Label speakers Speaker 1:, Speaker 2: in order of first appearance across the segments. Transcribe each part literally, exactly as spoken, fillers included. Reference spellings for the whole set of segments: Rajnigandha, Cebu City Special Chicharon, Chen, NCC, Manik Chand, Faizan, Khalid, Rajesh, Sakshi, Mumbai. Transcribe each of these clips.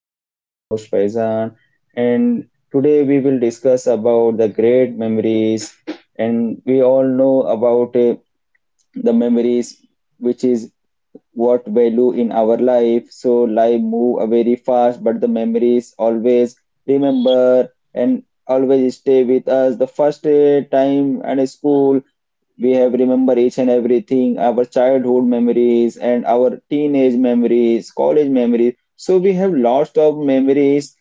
Speaker 1: I am your host Faizan, and today we will discuss about the great memories. And we all know about uh, the memories which is what value in our life. So life move uh, very fast, but the memories always remember and always stay with us. The first uh, time at school, we have remember each and everything, our childhood memories and our teenage memories, college memories. So we have lots of memories.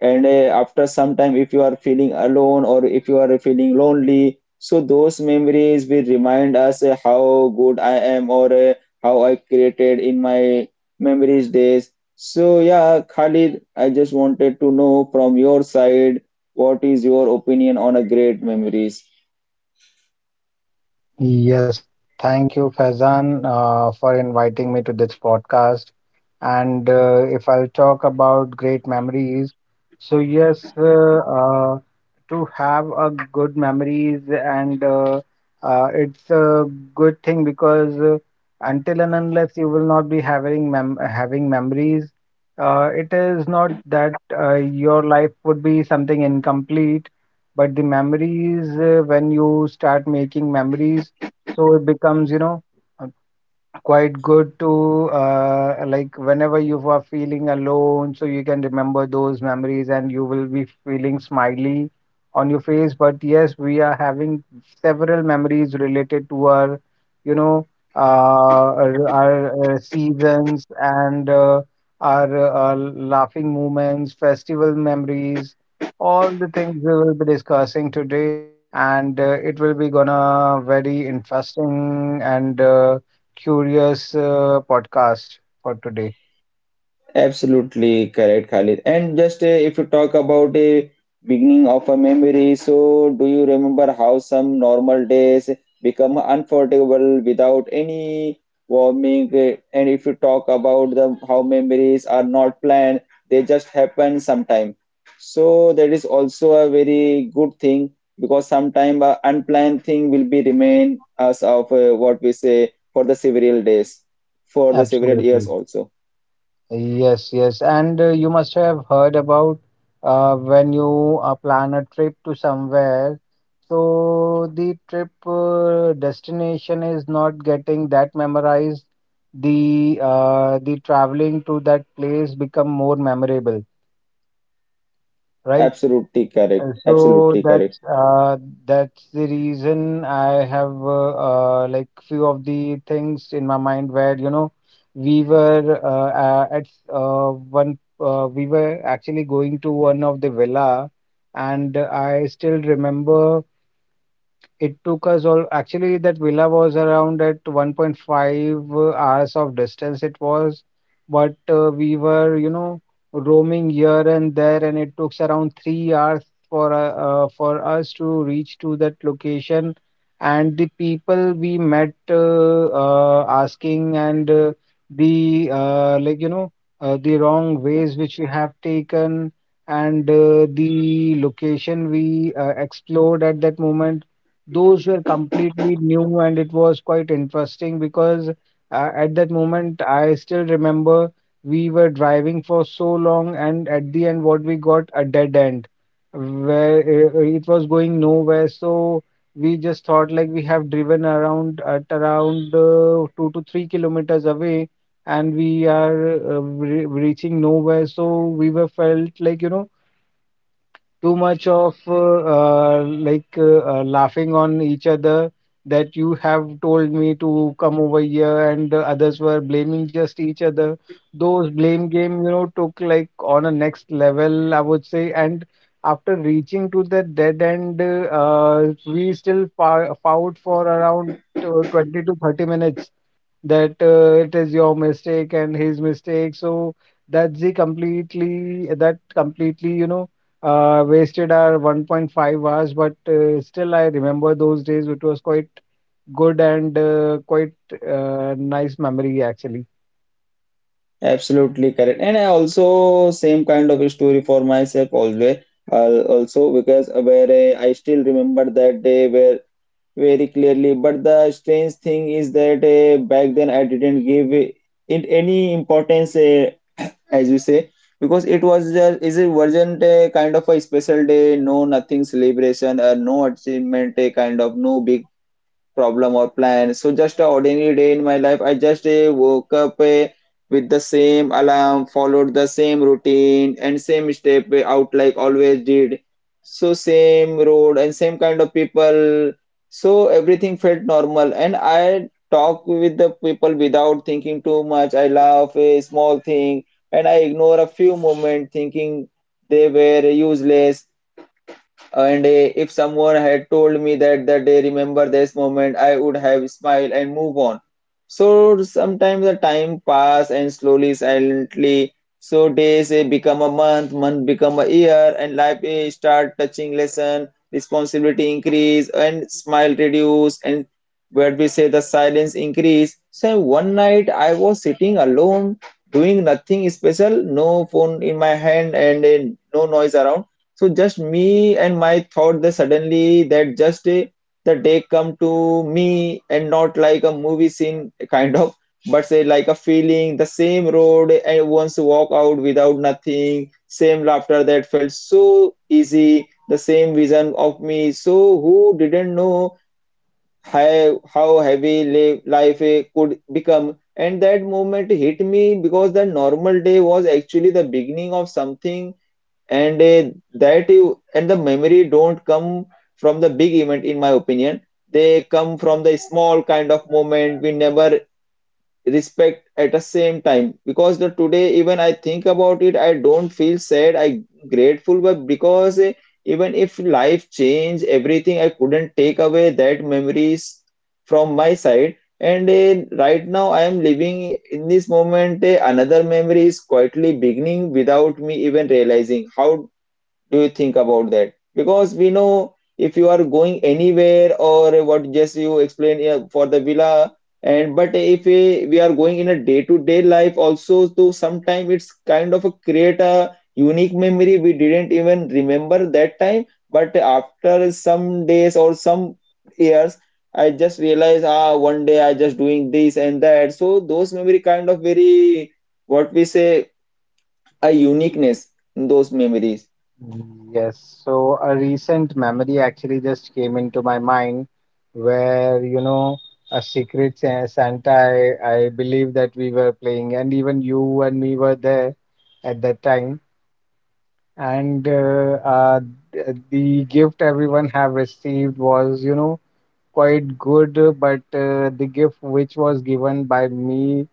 Speaker 1: And uh, after some time, if you are feeling alone or if you are feeling lonely, so those memories will remind us uh, how good I am, or uh, how I created in my memories days. So yeah, Khalid, I just wanted to know from your side, what is your opinion on a great memories?
Speaker 2: Yes, thank you, Faizan, uh, for inviting me to this podcast. And uh, if I'll talk about great memories, so yes, uh, uh, to have a good memories and uh, uh, it's a good thing because uh, until and unless you will not be having mem having memories, uh, it is not that uh, your life would be something incomplete, but the memories uh, when you start making memories so it becomes you know uh, quite good to uh, like whenever you are feeling alone, so you can remember those memories and you will be feeling smiley on your face. But yes, we are having several memories related to our, you know, uh, our, our uh, seasons and uh, our uh, laughing moments, festival memories, all the things we will be discussing today. And uh, it will be gonna very interesting and uh, curious uh, podcast for today.
Speaker 1: Absolutely correct, Khalid. And just uh, if you talk about a beginning of a memory, so do you remember how some normal days become unforgettable without any warming? Uh, And if you talk about the how memories are not planned, they just happen sometime. So that is also a very good thing, because sometime uh, unplanned thing will be remain as of uh, what we say for the several days, for the several years
Speaker 2: Absolutely.
Speaker 1: also.
Speaker 2: Yes, yes. And uh, you must have heard about uh, when you uh, plan a trip to somewhere. So the trip uh, destination is not getting that memorized. The uh, the traveling to that place become more memorable, right?
Speaker 1: Absolutely
Speaker 2: Uh,
Speaker 1: correct.
Speaker 2: So
Speaker 1: Absolutely correct.
Speaker 2: that's uh, that's the reason I have uh, uh, like few of the things in my mind where you know we were uh, uh, at uh, one uh, we were actually going to one of the villa and I still remember it took us all actually that villa was around at one point five hours of distance it was, but uh, we were, you know, roaming here and there and it took around three hours for uh, uh, for us to reach to that location. And the people we met uh, uh, asking and uh, the uh, like you know uh, the wrong ways which we have taken and uh, the location we uh, explored at that moment those were completely new and it was quite interesting because uh, at that moment I still remember we were driving for so long and at the end what we got a dead end where uh, uh, it was going nowhere so we just thought like we have driven around at around uh, two to three kilometers away and we are uh, re reaching nowhere so we were felt like you know too much of uh, uh, like uh, uh, laughing on each other that you have told me to come over here and the others were blaming just each other those blame game you know took like on a next level I would say and after reaching to the dead end uh, we still fou- fought for around uh, twenty to thirty minutes that uh, it is your mistake and his mistake. So that's the completely that completely you know uh, wasted our one point five hours. But uh, still, I remember those days. It was quite good and uh, quite uh, nice memory actually.
Speaker 1: Absolutely correct. And I also same kind of a story for myself always. Uh, also because where uh, I still remember that day where very clearly. But the strange thing is that uh, back then I didn't give it any importance, uh, as you say, because it was just is it wasn't a kind of a special day, no nothing celebration, uh, no achievement, a kind of no big problem or plan. So just a ordinary day in my life, I just uh, woke up uh, with the same alarm, followed the same routine and same step uh, out like always did. So same road and same kind of people. So everything felt normal, and I talk with the people without thinking too much. I laugh a small thing and I ignore a few moments thinking they were useless. And uh, if someone had told me that the day remember this moment, I would have smiled and move on. So sometimes the time pass and slowly, silently. So days eh, become a month, month become a year, and life eh, start touching lesson, responsibility increase, and smile reduce, and where we say the silence increase. So one night I was sitting alone, doing nothing special, no phone in my hand, and eh, no noise around, so just me and my thought there suddenly that just eh, the day come to me, and not like a movie scene kind of, but say like a feeling, the same road and once walk out without nothing, same laughter that felt so easy, the same vision of me. So who didn't know how how heavy li- life eh, could become? And that moment hit me, because the normal day was actually the beginning of something. And uh, that you and the memory don't come from the big event in my opinion. They come from the small kind of moment we never respect at the same time, because the today even I think about it I don't feel sad, I grateful but because eh, even if life changed everything I couldn't take away that memories from my side. And eh, right now I am living in this moment, eh, another memory is quietly beginning without me even realizing. How do you think about that? Because we know if you are going anywhere or what just you explained, yeah, for the villa, and but if we, we are going in a day-to-day life also, so sometime it's kind of a create a unique memory we didn't even remember that time, but after some days or some years I just realized ah one day I just doing this and that, so those memory kind of very what we say a uniqueness in those memories.
Speaker 2: Yes, so a recent memory actually just came into my mind where, you know, a secret Sa- Santa, I, I believe that we were playing, and even you and me were there at that time. and uh, uh, th- the gift everyone have received was you know quite good uh, but uh, the gift which was given by me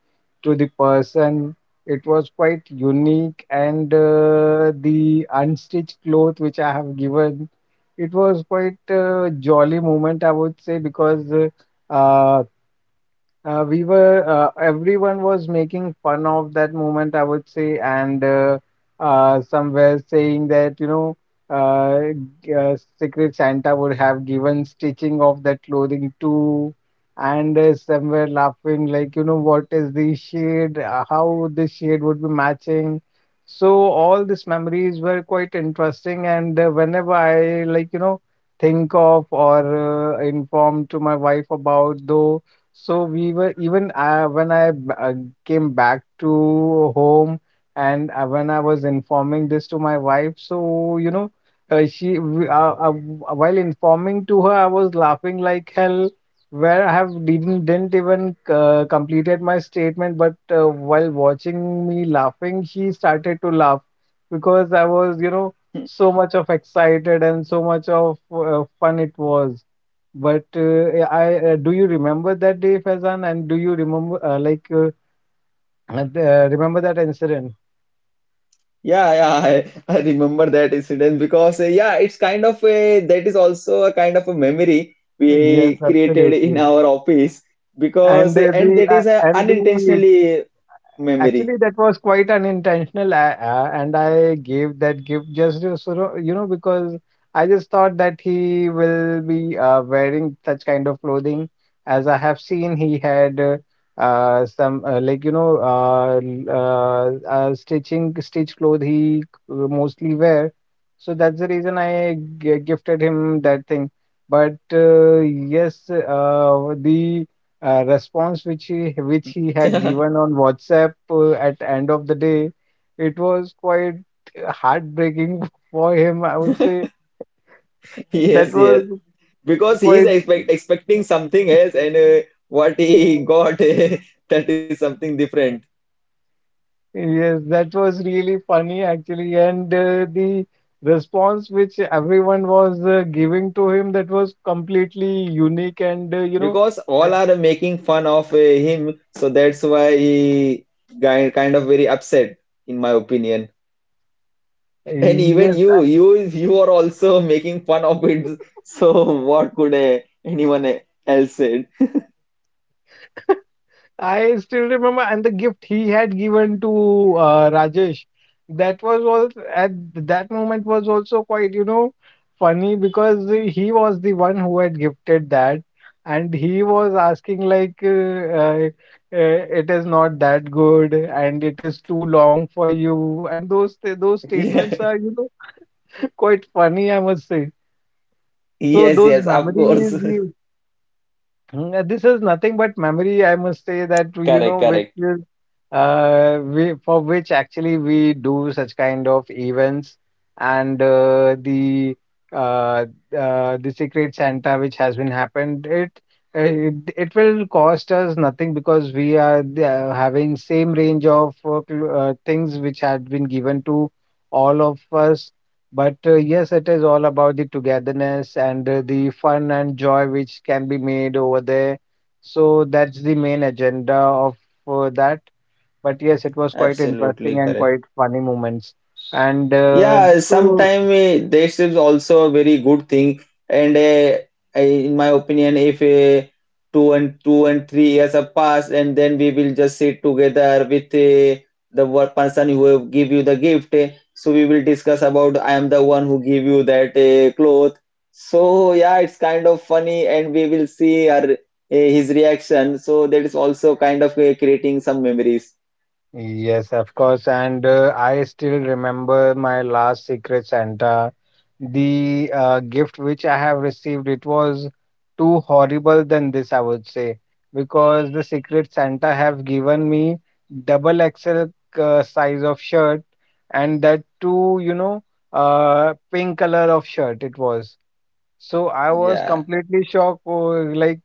Speaker 2: to the person it was quite unique and uh, the unstitched cloth which I have given it was quite a jolly moment I would say because uh, uh, uh, we were uh, everyone was making fun of that moment, I would say, and uh, uh, somewhere saying that you know, uh, g- uh, Secret Santa would have given stitching of that clothing too, and uh, somewhere laughing like you know, what is the shade? Uh, How the shade would be matching? So all these memories were quite interesting, and uh, whenever I like you know think of or uh, inform to my wife about though. So we were even uh, when I b- uh, came back to home and uh, when I was informing this to my wife, so you know, uh, she w- uh, uh, w- uh, while informing to her, I was laughing like hell, where I have didn't didn't even uh, completed my statement, but uh, while watching me laughing, she started to laugh because I was you know so much of excited and so much of uh, fun it was. But uh, yeah, I uh, do you remember that day, Faizan? And do you remember uh, like uh, uh, the- uh, remember that incident?
Speaker 1: Yeah, yeah, I, I remember that incident, because uh, yeah, it's kind of a that is also a kind of a memory
Speaker 2: Yes,
Speaker 1: we created in
Speaker 2: absolutely.
Speaker 1: our office, because
Speaker 2: And
Speaker 1: uh,
Speaker 2: uh,
Speaker 1: and
Speaker 2: the
Speaker 1: that
Speaker 2: uh,
Speaker 1: is a
Speaker 2: and the
Speaker 1: unintentionally memory.
Speaker 2: actually that was quite unintentional uh, uh, and I gave that gift just to sort of you know because I just thought that he will be uh, wearing such kind of clothing as I have seen he had uh, uh, some uh, like you know uh, l- uh, uh, stitching stitch clothes he uh, mostly wear so that's the reason i g- gifted him that thing but uh, yes uh, the uh, response which he which he had given on WhatsApp uh, at end of the day, it was quite heartbreaking for him. I would say that
Speaker 1: Yes, yes,
Speaker 2: was
Speaker 1: because he is
Speaker 2: quite
Speaker 1: expect, expecting something else, and uh, what he got that is something different.
Speaker 2: yes, that was really funny actually, and uh, the response which everyone was uh, giving to him that was completely unique and uh, you know.
Speaker 1: Because all are making fun of uh, him, so that's why he kind kind of very upset in my opinion. And even
Speaker 2: uh,
Speaker 1: you, you you are also making fun of it. So what could uh, anyone else said?
Speaker 2: I still remember, and the gift he had given to uh, Rajesh, that was also at that moment was also quite, you know, funny because he was the one who had gifted that, and he was asking like, uh, uh, uh, "It is not that good, and it is too long for you," and those those statements
Speaker 1: Yeah.
Speaker 2: are, you know, quite funny, I must say. So
Speaker 1: Yes,
Speaker 2: those
Speaker 1: yes, of course.
Speaker 2: memories, Mm, uh, this is nothing but memory, I must say that, you
Speaker 1: Correct,
Speaker 2: know, which
Speaker 1: correct.
Speaker 2: is, uh, we, for which actually we do such kind of events and uh, the uh, uh, the Secret Santa which has been happened, it, uh, it it will cost us nothing because we are the- uh, having same range of uh, cl- uh, things which had been given to all of us but uh, yes, it is all about the togetherness and uh, the fun and joy which can be made over there. So that's the main agenda of uh, that. But yes, it was quite interesting
Speaker 1: Absolutely
Speaker 2: and
Speaker 1: correct.
Speaker 2: quite funny moments. And uh,
Speaker 1: Yeah,
Speaker 2: so
Speaker 1: sometime eh, this also a very good thing, and uh, I, in my opinion, if uh, two and two and three years have passed, and then we will just sit together with uh, the one person who have give you the gift. Eh, so we will discuss about I am the one who give you that uh, cloth. So yeah, it's kind of funny, and we will see her, uh, his reaction. So that is also kind of uh, creating some memories.
Speaker 2: Yes, of course. And uh, I still remember my last Secret Santa. The uh, gift which I have received, it was too horrible than this, I would say, because the Secret Santa have given me double XL uh, size of shirt, and that too, you know, uh, pink color of shirt it was. So I was
Speaker 1: Yeah.
Speaker 2: completely shocked, oh, like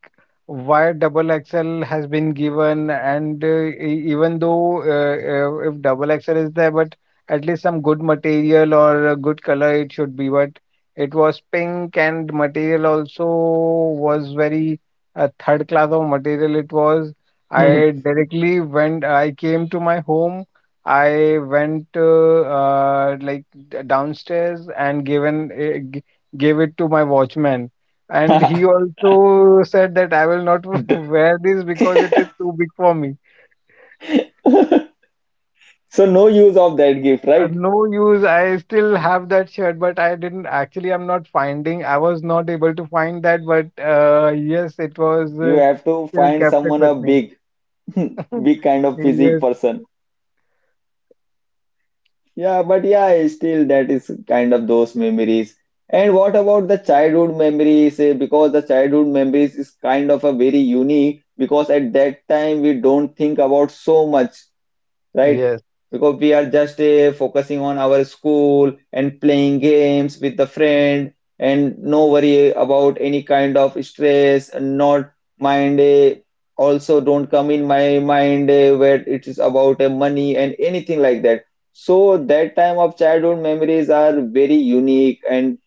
Speaker 2: why double XL has been given, and uh, e- even though uh, uh, if double XL is there, but at least some good material or a good color it should be. But it was pink, and material also was very uh, third class of material. It was. I directly went. I came to my home. I went uh, uh, like d- downstairs and given uh, gave it to my watchman. And he also said that I will not
Speaker 1: D-
Speaker 2: wear this because it is too big for me.
Speaker 1: So no use of that gift,
Speaker 2: Uh,
Speaker 1: right?
Speaker 2: no use. I still have that shirt, but I didn't actually. I'm not finding. I was not able to find that, but uh, yes, it was
Speaker 1: You
Speaker 2: uh,
Speaker 1: have to
Speaker 2: still
Speaker 1: find
Speaker 2: kept it
Speaker 1: someone
Speaker 2: with
Speaker 1: a
Speaker 2: me.
Speaker 1: big, big kind of physique
Speaker 2: Yes,
Speaker 1: person. Yeah, but yeah, still that is kind of those memories. And what about the childhood memories? Eh, because the childhood memories is kind of a very unique, because at that time we don't think about so much. Right?
Speaker 2: yes,
Speaker 1: Because we are just uh, focusing on our school and playing games with the friend, and no worry about any kind of stress, and not mind uh, also don't come in my mind uh, where it is about uh, money and anything like that. So that time of childhood memories are very unique, and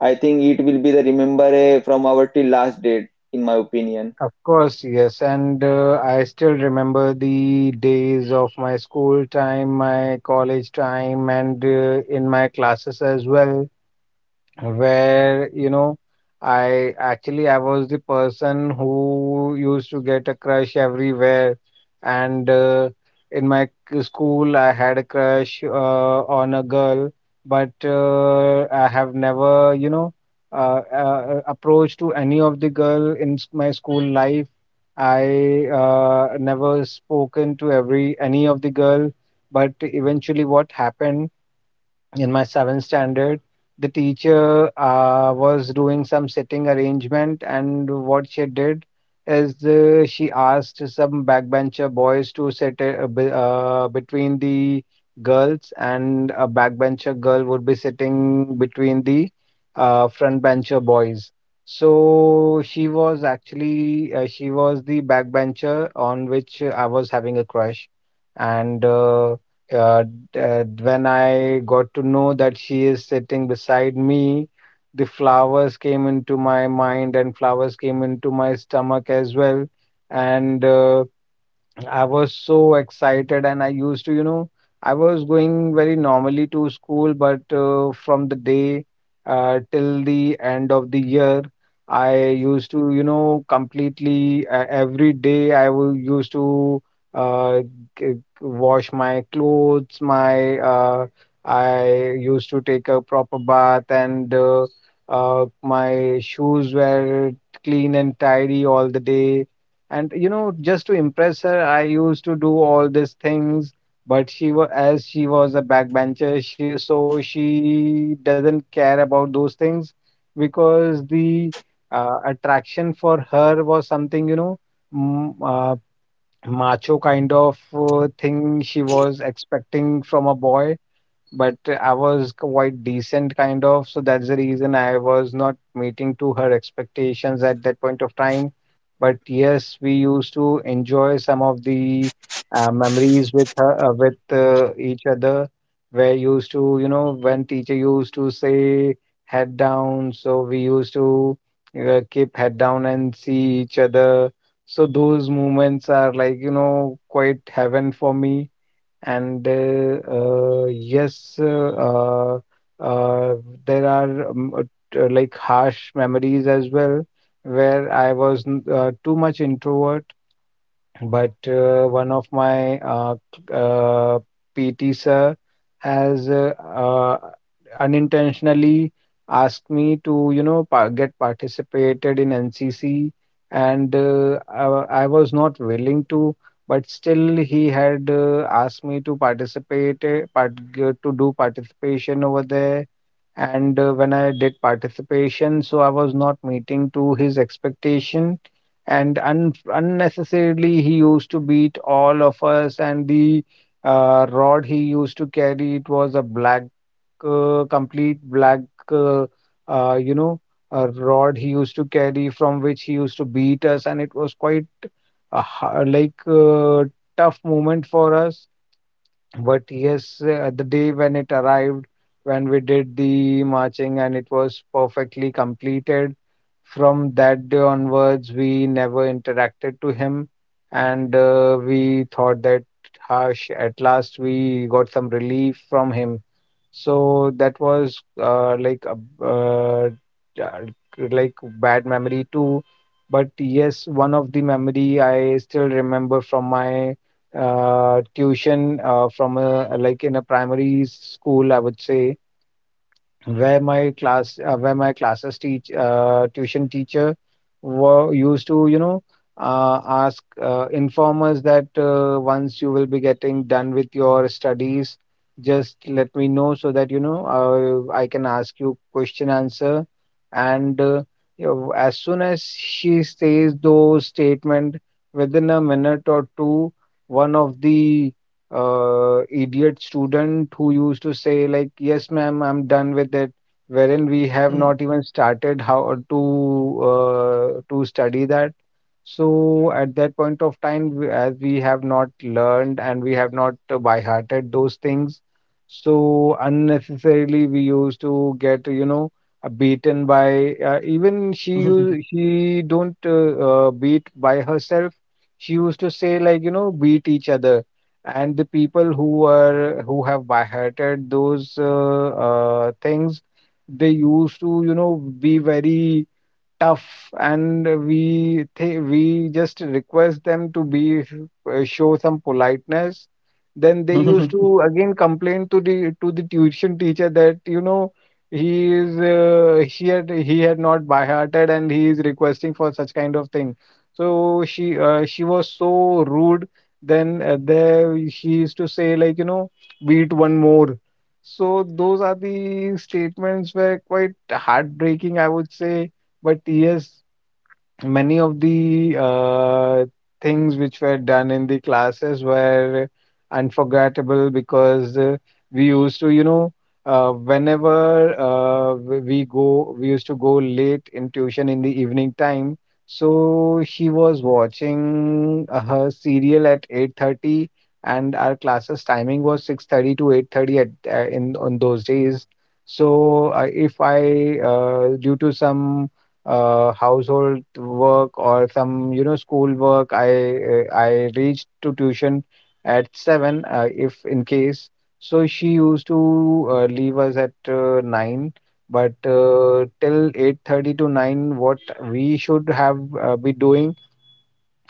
Speaker 1: I think it will be the remember uh, from our till last date in my opinion.
Speaker 2: of course, yes. And uh, I still remember the days of my school time, my college time, and uh, in my classes as well. Where you know i actually i was the person who used to get a crush everywhere and uh, in my k- school I had a crush uh, on a girl but uh, I have never you know uh, uh, approached to any of the girl in s- my school life I uh, never spoken to every any of the girl but eventually what happened in my seventh standard. The teacher uh, was doing some sitting arrangement, and what she did is uh, she asked some backbencher boys to sit uh, be- uh, between the girls, and a backbencher girl would be sitting between the uh, front bencher boys. So she was actually uh, she was the backbencher on which I was having a crush, and. Uh, uh, d- uh, when I got to know that she is sitting beside me, the flowers came into my mind and flowers came into my stomach as well. And uh, I was so excited, and I used to, you know, I was going very normally to school, but uh, from the day uh, till the end of the year, I used to, you know, completely, uh, every day I wo- used to uh, g- wash my clothes, my uh, I used to take a proper bath, and uh, uh, my shoes were clean and tidy all the day, and, you know, just to impress her, I used to do all these things. But she was as she was a backbencher, she so she doesn't care about those things, because the uh, attraction for her was something, you know, m- uh, macho kind of uh, thing she was expecting from a boy, but I was quite decent, kind of. So that's the reason I was not meeting to her expectations at that point of time. But yes, we used to enjoy some of the uh, memories with her, uh, with uh, each other. Where used to, you know, when teacher used to say head down, so we used to uh, keep head down and see each other. So those moments are like, you know, quite heaven for me, and uh, uh, yes, uh, uh, uh, there are um, uh, t- uh, like harsh memories as well, where I was n- uh, too much introvert. But uh, one of my uh, c- uh, P T sir has uh, uh, unintentionally asked me to, you know, pa get participated in N C C, and uh, I, wa- I was not willing to, but still he had uh, asked me to participate, uh, part, uh, to do participation over there. And uh, when I did participation, so I was not meeting to his expectation, and un- unnecessarily he used to beat all of us, and the uh, rod he used to carry, it was a black, uh, complete black, uh, uh, you know, a rod he used to carry, from which he used to beat us, and it was quite a, ha- like uh tough moment for us. But yes, uh, the day when it arrived, when we did the marching and it was perfectly completed, from that day onwards, we never interacted to him. And uh, we thought that, harsh, at last we got some relief from him. So that was uh, like a b- uh, uh, like bad memory too. But yes, one of the memory I still remember from my uh, tuition, uh, from a, like, in a primary school, I would say, where my class uh, where my classes teach uh, tuition teacher were used to, you know, uh, ask, uh, informers, that uh, once you will be getting done with your studies, just let me know, so that, you know, uh, I can ask you question answer. And. Uh, you know, as soon as she says those statement, within a minute or two, one of the uh, idiot student who used to say like, "Yes, ma'am, I'm done with it," wherein we have not even started how to uh, to study that. So at that point of time, we- as we have not learned and we have not uh, by hearted those things, so unnecessarily we used to get, you know, uh, beaten by, uh, even she u- she don't uh, uh, beat by herself. She used to say like, you know, beat each other, and the people who are who have boycotted those uh, uh, things, they used to, you know, be very tough, and we th- we just request them to be uh, show some politeness. Then they used to again complain to the to the tuition teacher that, you know, he is uh, he had he had not by hearted and he is requesting for such kind of thing. So she uh, she was so rude, then uh, there she used to say like, you know, beat one more. So those are the statements were quite heartbreaking, I would say. But yes, many of the uh, things which were done in the classes were unforgettable, because uh, we used to, you know, uh, whenever uh, we we go, we used to go late in tuition in the evening time. So she was watching uh, her serial at eight thirty, and our classes timing was six thirty to eight thirty, at uh, in on those days. So uh, if I uh, due to some uh, household work or some, you know, school work, i uh, I reached to tuition at seven, uh, if in case, so she used to uh, leave us at uh, nine. But uh, till eight thirty to nine, what we should have uh, be doing,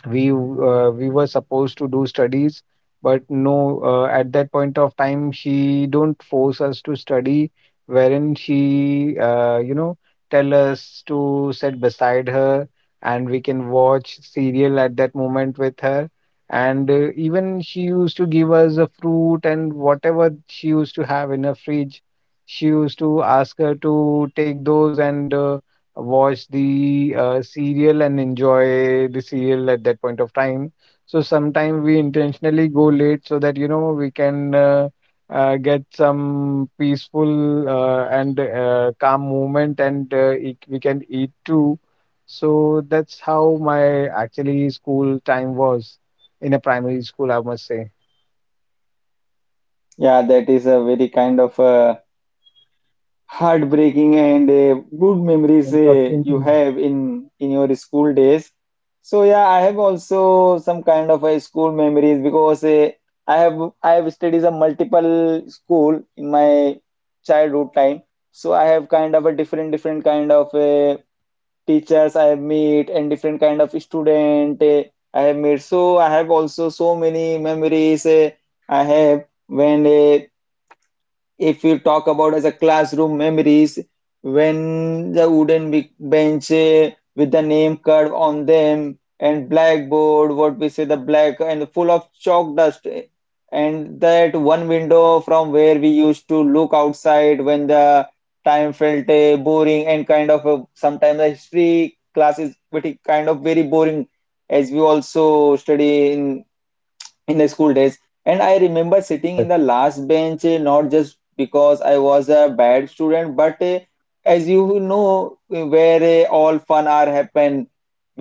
Speaker 2: we w- uh, we were supposed to do studies. But no, uh, at that point of time she don't force us to study, wherein she uh, you know, tell us to sit beside her, and we can watch serial at that moment with her. And uh, even she used to give us a fruit, and whatever she used to have in her fridge, she used to ask her to take those, and uh, watch the uh, serial and enjoy the serial at that point of time. So sometimes we intentionally go late, so that, you know, we can uh, uh, get some peaceful, uh, and uh, calm moment, and uh, eat, we can eat too. So that's how my actually school time was in a primary school, I must say.
Speaker 1: Yeah, that is a very kind of uh, heartbreaking and uh, good memories uh,
Speaker 2: Interesting.
Speaker 1: you have in in your school days. So yeah, I have also some kind of a school memories because uh, i have i have studied a multiple school in my childhood time. So I have kind of a different different kind of uh, teachers I have met, and different kind of student uh, I have met. So I have also so many memories uh, I have when uh, if you talk about as a classroom memories, when the wooden be- bench eh, with the name curve on them and blackboard what we say the black and full of chalk dust eh, and that one window from where we used to look outside when the time felt eh, boring, and kind of a, sometimes the history class is pretty kind of very boring as we also study in in the school days. And I remember sitting
Speaker 2: Yes,
Speaker 1: in the last bench, eh, not just because I was a bad student but eh, as you know eh, where eh, all fun are happen,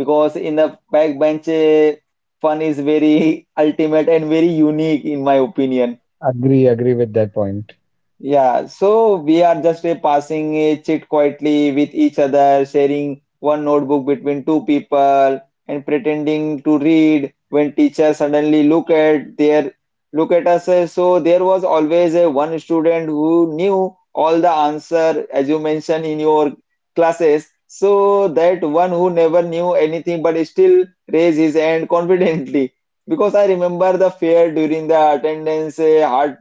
Speaker 1: because in the back bench eh, fun is very ultimate and very unique in my opinion.
Speaker 2: agree, agree with that point.
Speaker 1: Yeah, so we are just a passing a chit quietly with each other, sharing one notebook between two people, and pretending to read when teachers suddenly look at their look at us. uh, So there was always a one student who knew all the answer as you mentioned in your classes. So that one who never knew anything but still raised his hand confidently. Because I remember the fear during the attendance, uh, heart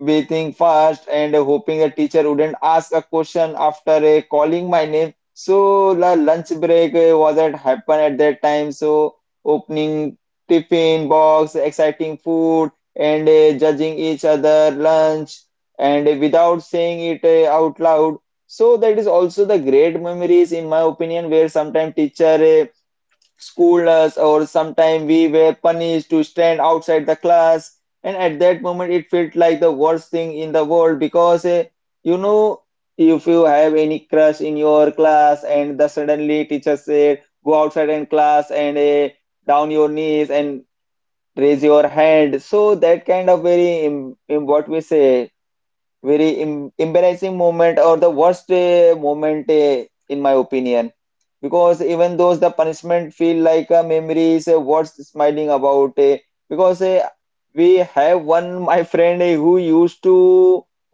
Speaker 1: breathing fast and hoping the teacher wouldn't ask a question after uh, calling my name. So the lunch break uh, was at happen at that time. So opening tiffin box, exciting food, and uh, judging each other lunch, and uh, without saying it uh, out loud. So that is also the great memories in my opinion, where sometimes teacher uh, scold us, or sometimes we were punished to stand outside the class. And at that moment, it felt like the worst thing in the world, because eh, you know, if you have any crush in your class, and the suddenly teacher said, go outside in class and eh, down your knees and raise your hand. So, that kind of very, em- em- what we say, very em embarrassing moment or the worst uh, moment uh, in my opinion, because even those the punishment feel like a memory is uh, worth smiling about uh, because uh, we have one my friend uh, who used to,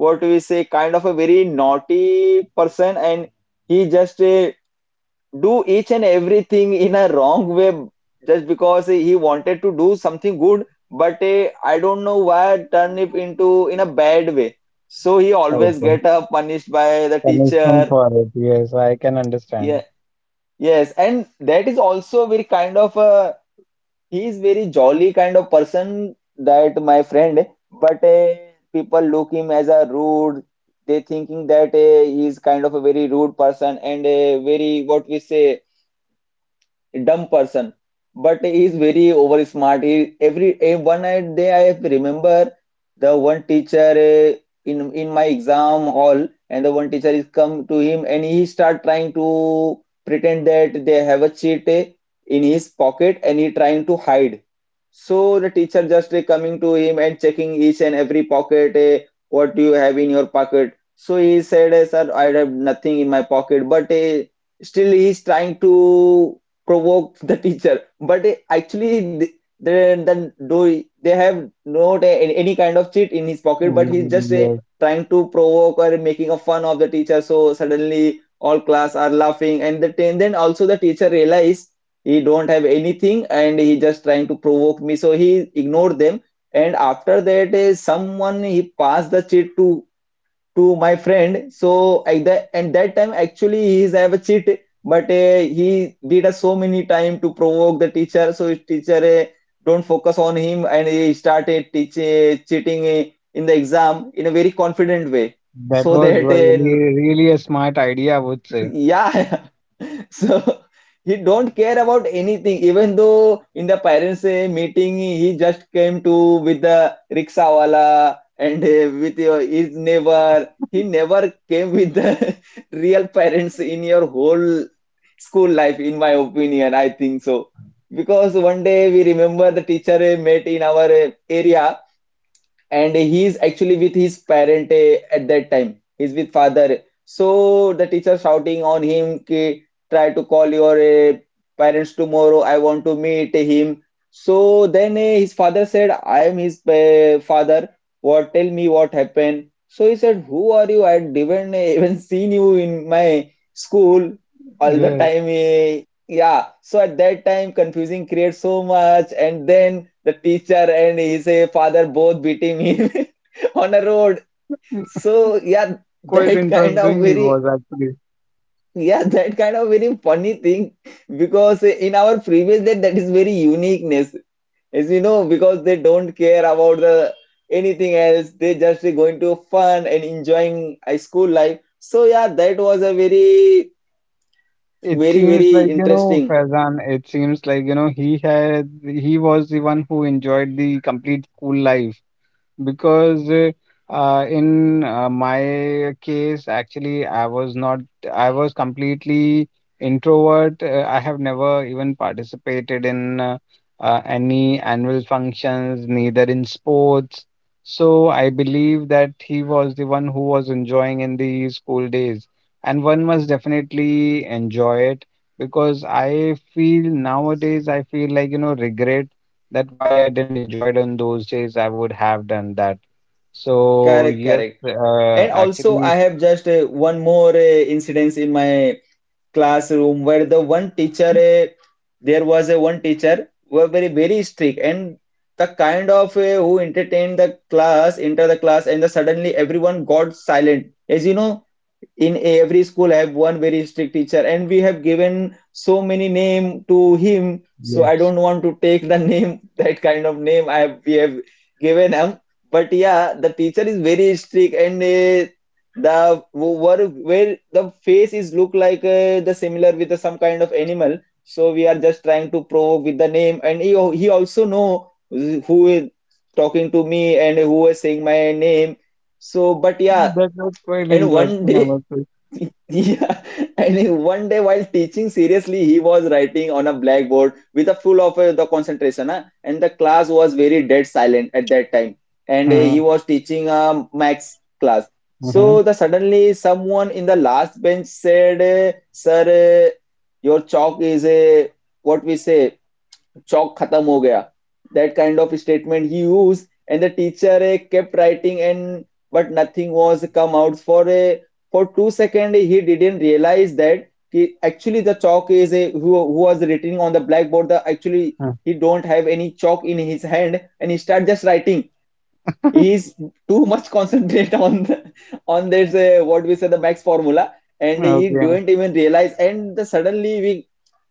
Speaker 1: what we say, kind of a very naughty person, and he just uh, do each and everything in a wrong way just because he wanted to do something good, but eh, I don't know why turn it into in a bad way. So he always
Speaker 2: Okay.
Speaker 1: get uh, punished by the teacher.
Speaker 2: Punishment for it. Yes, I can understand.
Speaker 1: Yeah, yes, and that is also very kind of uh, He is very jolly kind of person, that my friend, but uh, people look him as a rude. They thinking that uh, he is kind of a very rude person and a very, what we say, dumb person. But he is very over smart. He every eh, one day, I have remember, the one teacher eh, in in my exam hall, and the one teacher is come to him and he start trying to pretend that they have a cheat eh, in his pocket and he trying to hide. So the teacher just eh, coming to him and checking each and every pocket, eh, what do you have in your pocket? So he said, eh, sir, I have nothing in my pocket, but eh, still he is trying to provoked the teacher, but eh, actually th- they then do, they have not a- any any kind of cheat in his pocket, but he's just eh,
Speaker 2: Yes,
Speaker 1: trying to provoke or making a fun of the teacher. So suddenly all class are laughing, and the, and then also the teacher realize he don't have anything and he just trying to provoke me, so he ignored them. And after that eh, someone he passed the cheat to to my friend. So at that, and that time actually he is have a cheat, but uh, he did a so many time to provoke the teacher. So his teacher uh, don't focus on him and he started teach, uh, cheating uh, in the exam in a very confident way.
Speaker 2: that
Speaker 1: So
Speaker 2: was
Speaker 1: that uh,
Speaker 2: really, really a smart idea, I would say.
Speaker 1: yeah. So he don't care about anything, even though in the parents' eh, meeting he just came to with the rickshawala and eh, with your his neighbor. He never came with the real parents in your whole school life, in my opinion, I think so, because one day we remember the teacher eh, met in our eh, area, and he is actually with his parent, eh, at that time he's with father. So the teacher shouting on him ki, try to call your eh, parents tomorrow, I want to meet him. So then eh, his father said, I am his eh, father, what, tell me what happened. So he said, who are you? I didn't eh, even seen you in my school all the
Speaker 2: Yes,
Speaker 1: time eh." Yeah, so at that time confusing creates so much, and then the teacher and his uh, father both beating him on a road. So yeah,
Speaker 2: quite
Speaker 1: that kind
Speaker 2: interesting
Speaker 1: of
Speaker 2: he was
Speaker 1: very,
Speaker 2: actually.
Speaker 1: yeah, that kind of very funny thing, because in our previous day that is very uniqueness. As you know, because they don't care about the anything else, they just going to fun and enjoying a school life. So yeah, that was a very,
Speaker 2: It
Speaker 1: very
Speaker 2: seems
Speaker 1: very
Speaker 2: like, you know,
Speaker 1: interesting.
Speaker 2: Faizan, it seems like, you know, he had, he was the one who enjoyed the complete school life, because uh, uh, in uh, my case, actually, I was not I was completely introvert. Uh, I have never even participated in uh, uh, any annual functions, neither in sports, so I believe that he was the one who was enjoying in the school days, and one must definitely enjoy it. Because I feel nowadays I feel like, you know, regret that why I didn't enjoy it on those days. I would have done that. So
Speaker 1: Correct,
Speaker 2: yes,
Speaker 1: correct.
Speaker 2: uh,
Speaker 1: And also, I
Speaker 2: actually,
Speaker 1: have just uh, one more uh, incidence in my classroom where the one teacher, eh, there was a one teacher were very very strict and the kind of eh, who entertained the class, enter the class, and the suddenly everyone got silent. As you know, in every school I have one very strict teacher, and we have given so many name to him, so I
Speaker 2: yes,
Speaker 1: don't want to take the name, that kind of name I have, we have given him. But yeah, the teacher is very strict, and uh, the where, where the face is look like uh, the similar with the, some kind of animal, so we are just trying to provoke with the name, and he, al- he also know who is talking to me and who is saying my name. So but yeah,
Speaker 2: that was quite
Speaker 1: and one
Speaker 2: interesting, I
Speaker 1: day,
Speaker 2: must say.
Speaker 1: yeah, and he- one day while teaching seriously, he was writing on a blackboard with a full of uh, the concentration, huh? And the class was very dead silent at that time. And uh, he was teaching a max class.
Speaker 2: Mm-hmm.
Speaker 1: So the suddenly someone in the last bench said, uh, "Sir, uh, your chalk is a, what we say, चौक खत्म हो गया," that kind of statement he used. And the teacher uh, kept writing, and but nothing was come out for a, for two seconds. He didn't realize that he, actually the chalk is a, who, who was written on the blackboard, the actually he don't have any chalk in his hand and he start just writing. He is too much concentrate on the, on this, uh, what we say, the max formula, and he
Speaker 2: Okay.
Speaker 1: don't even realize, and the, suddenly we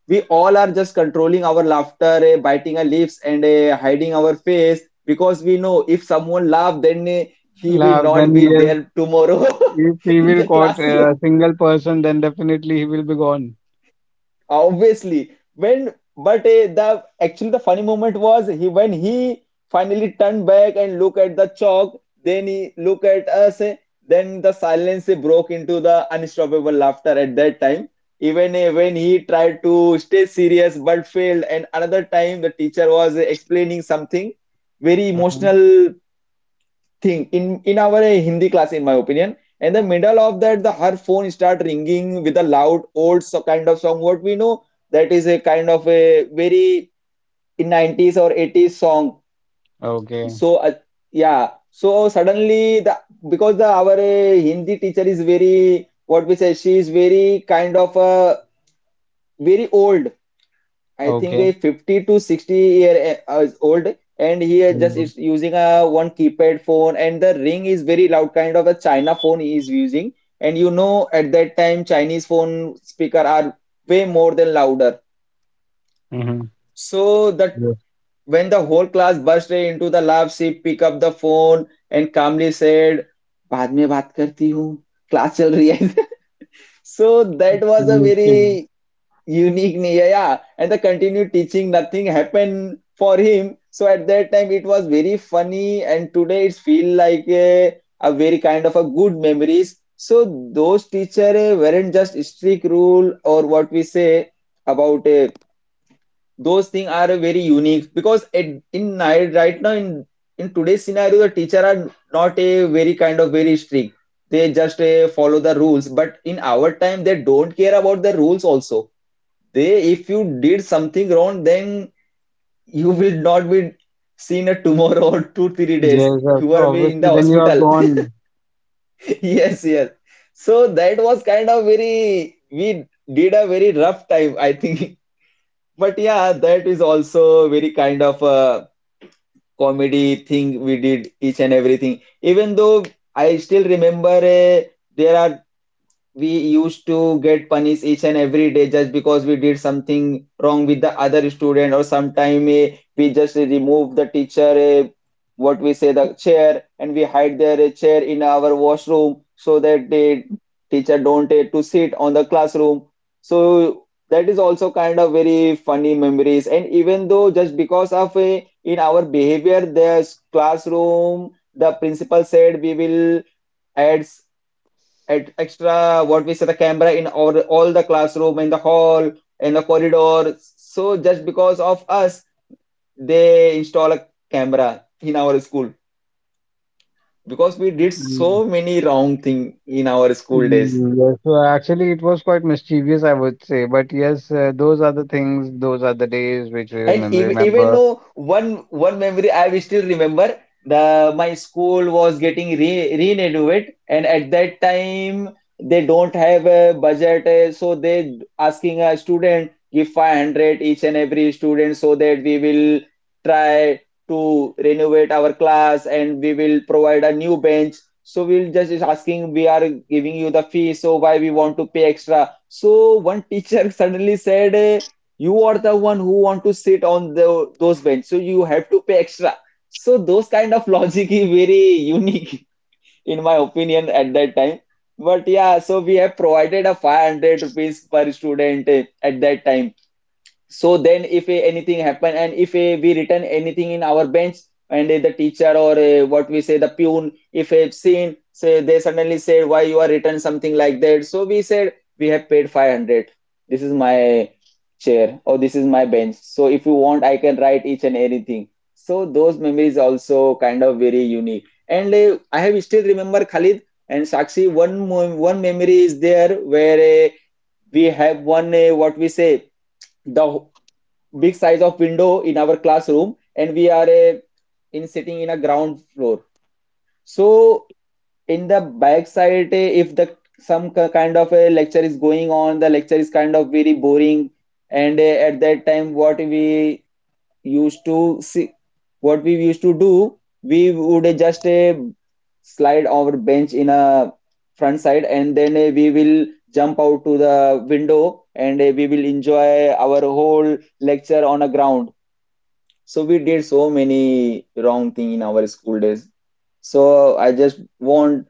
Speaker 1: we all are just controlling our laughter, eh, biting our lips, and eh, hiding our face, because we know if someone laughs, then eh, he will
Speaker 2: Laugh.
Speaker 1: not
Speaker 2: Then
Speaker 1: be
Speaker 2: yes,
Speaker 1: there tomorrow
Speaker 2: if he
Speaker 1: in
Speaker 2: will
Speaker 1: the
Speaker 2: caught uh,
Speaker 1: classroom.
Speaker 2: a single person, then definitely he will be gone.
Speaker 1: Obviously, when, but eh, the actually the funny moment was, he, when he finally turned back and look at the chalk, then he look at us, eh, then the silence eh, broke into the unstoppable laughter at that time. Even eh, when he tried to stay serious but failed. And another time the teacher was eh, explaining something very
Speaker 2: Mm-hmm.
Speaker 1: emotional thing in in our uh, Hindi class, in my opinion. In the middle of that, the her phone start ringing with a loud old so kind of song. What we know, that is a kind of a very in nineties or eighties song.
Speaker 2: Okay.
Speaker 1: So uh, yeah, so suddenly the, because the our uh, Hindi teacher is very, what we say, she is very kind of uh, very old. I think a
Speaker 2: Okay.
Speaker 1: fifty to sixty year uh, is old, and he is just
Speaker 2: Mm-hmm.
Speaker 1: is using a one keypad phone, and the ring is very loud, kind of a China phone he is using. And you know, at that time Chinese phone speaker are way more than louder, so that
Speaker 2: Yes.
Speaker 1: when the whole class burst into the laugh, she pick up the phone and calmly said, बाद में बात करती हूँ, class चल रही है. So that was a
Speaker 2: Yes.
Speaker 1: very unique, yeah, yeah, and the continued teaching, nothing happened for him. So at that time it was very funny, and today it feel like a, a very kind of a good memories. So those teacher eh, weren't just strict rule, or what we say about eh, those things are eh, very unique, because at, in ni- right now in in today's scenario the teacher are not a very kind of very strict, they just eh, follow the rules, but in our time they don't care about the rules also. They, if you did something wrong, then you will not be seen a tomorrow or two, three days.
Speaker 2: Yes. of-
Speaker 1: You are be in the
Speaker 2: Obviously, then you are
Speaker 1: hospital.
Speaker 2: gone.
Speaker 1: Yes, yes. So that was kind of very, we did a very rough time, I think. But yeah, that is also very kind of a comedy thing, we did each and everything. Even though I still remember, uh, there are, we used to get punished each and every day just because we did something wrong with the other student, or sometime eh, we just remove the teacher, eh, what we say, the chair, and we hide their eh, chair in our washroom, so that the teacher don't eh, to sit on the classroom. So that is also kind of very funny memories. And even though just because of eh, in our behavior, there's classroom, the principal said we will add at extra, what we say, the camera in all, all the classroom, in the hall, in the corridor. So just because of us they install a camera in our school, because we did
Speaker 2: Mm.
Speaker 1: so many wrong thing in our school days.
Speaker 2: Mm, yes, so actually, it was quite mischievous, I would say. But yes, uh, those are the things, those are the days which we
Speaker 1: And
Speaker 2: remem-
Speaker 1: even, even
Speaker 2: remember.
Speaker 1: though one one memory I will still remember, the my school was getting re renovated, and at that time they don't have a budget, eh, so they asking a student give five hundred each and every student, so that we will try to renovate our class and we will provide a new bench. So we'll just is asking, we are giving you the fee, so why we want to pay extra? So one teacher suddenly said. Eh, you are the one who want to sit on the, those bench, so you have to pay extra. So those kind of logic is very unique in my opinion at that time. But yeah, so we have provided a 500 rupees per student eh, at that time. So then if eh, anything happen, and if eh, we written anything in our bench, and eh, the teacher or eh, what we say the pune, if they've seen, say they suddenly said, why you are written something like that? So we said, we have paid five hundred. This is my chair or this is my bench, so if you want, I can write each and anything. So those memories also kind of very unique. And eh, I have still remember, Khalid and Sakshi, one mo- one memory is there where eh, we have one eh, what we say, the big size of window in our classroom, and we are a, in sitting in a ground floor. So in the back side, eh, if the some kind of a lecture is going on, the lecture is kind of very boring. And eh, at that time what we used to see, what we used to do, we would eh, just eh, slide our bench in a front side, and then eh, we will jump out to the window, and eh, we will enjoy our whole lecture on a ground. So we did so many wrong thing in our school days. So I just want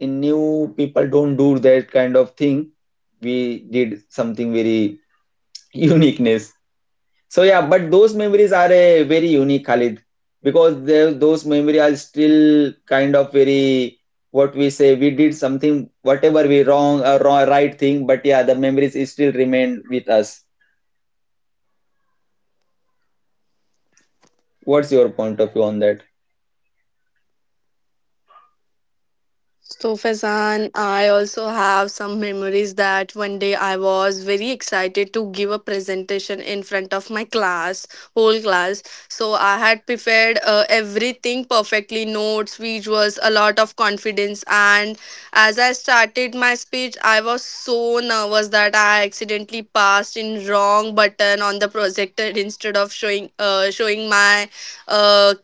Speaker 1: in new people don't do that kind of thing. We did something very uniqueness. So yeah, but those memories are a very unique, Khalid, because they- those memories are still kind of very what we say. We did something, whatever we wrong or right thing, but yeah, the memories is still remain with us. What's your point of view on that?
Speaker 3: So, Faizan, I also have some memories that one day I was very excited to give a presentation in front of my class, whole class. So, I had prepared uh, everything perfectly notes, visuals, a lot of confidence. And as I started my speech, I was so nervous that I accidentally passed in wrong button on the projector instead of showing, uh, showing my uh,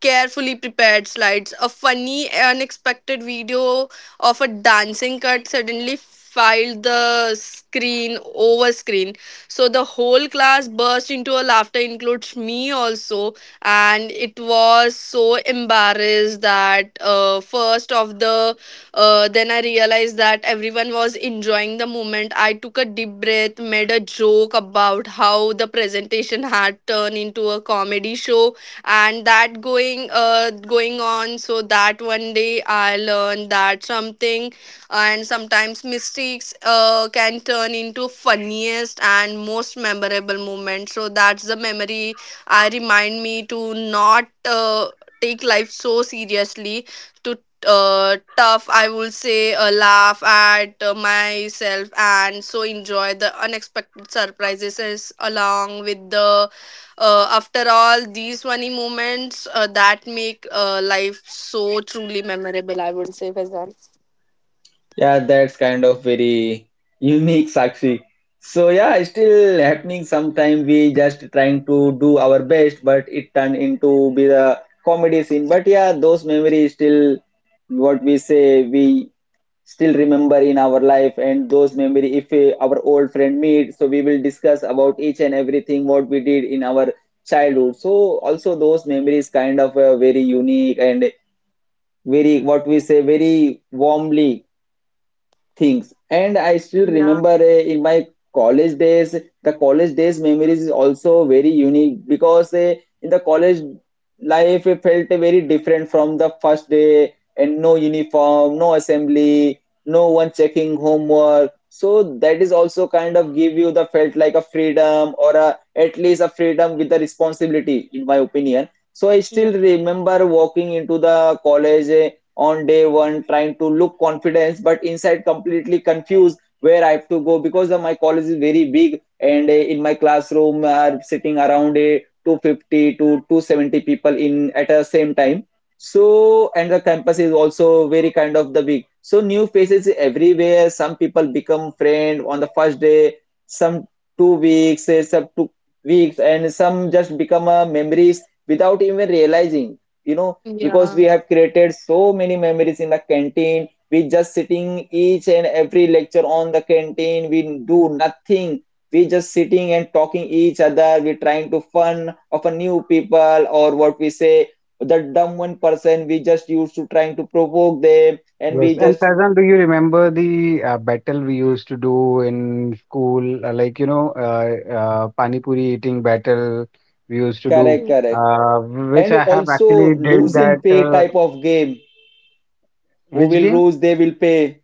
Speaker 3: carefully prepared slides. A funny, unexpected video of a dancing cat suddenly filed the screen over screen. So the whole class burst into a laughter, includes me also. And it was so embarrassed that uh, first of the, uh, then I realized that everyone was enjoying the moment. I took a deep breath, made a joke about how the presentation had turned into a comedy show, and that going uh going on. So that one day I learned that something, and sometimes mistakes uh can turn into funniest and most memorable moment. So that's the memory. I remind me to not uh, take life so seriously to uh, tough, I will say, uh, laugh at uh, myself and so enjoy the unexpected surprises is along with the uh, after all, these funny moments uh, that make uh, life so truly memorable, I would say, Faizan.
Speaker 1: Yeah, that's kind of very unique, Sakshi. So yeah, it's still happening sometime. We just trying to do our best, but it turned into be the comedy scene. But yeah, those memories still what we say, we still remember in our life, and those memory if we, our old friend meet, so we will discuss about each and everything what we did in our childhood. So also those memories kind of uh, very unique, and very what we say very warmly things. And I still remember uh, in my college days, the college days memories is also very unique because uh, in the college life it felt very different from the first day. And no uniform, no assembly, no one checking homework, so that is also kind of give you the felt like a freedom or a, at least a freedom with the responsibility, in my opinion. So I
Speaker 3: Yeah.
Speaker 1: still remember walking into the college eh, on day one, trying to look confidence but inside completely confused where I have to go, because uh, my college is very big, and uh, in my classroom are sitting around uh, two hundred fifty to two hundred seventy people in at the same time. So and the campus is also very kind of the big. So new faces everywhere, some people become friend on the first day, some two weeks eh, some two weeks and some just become uh, memories without even realizing you know because we
Speaker 3: Yeah.
Speaker 1: have created so many memories in the canteen, we just sitting each and every lecture on the canteen, we do nothing. We just sitting and talking each other, we trying to fun of a new people, or what we say, the dumb one person, we just used to trying to provoke them, and we
Speaker 2: Yes, and
Speaker 1: just...
Speaker 2: Faizan, do you remember the uh, battle we used to do in school? Uh, like, you know, uh, uh, Pani Puri eating battle we used to do,
Speaker 1: Correct,
Speaker 3: Mhm.
Speaker 1: correct.
Speaker 2: uh, which
Speaker 1: And
Speaker 2: I have
Speaker 1: also
Speaker 2: actually did
Speaker 1: lose and
Speaker 2: that.
Speaker 1: pay
Speaker 2: Uh,
Speaker 1: type of game. Who
Speaker 2: which
Speaker 1: will
Speaker 2: game?
Speaker 1: lose they will pay.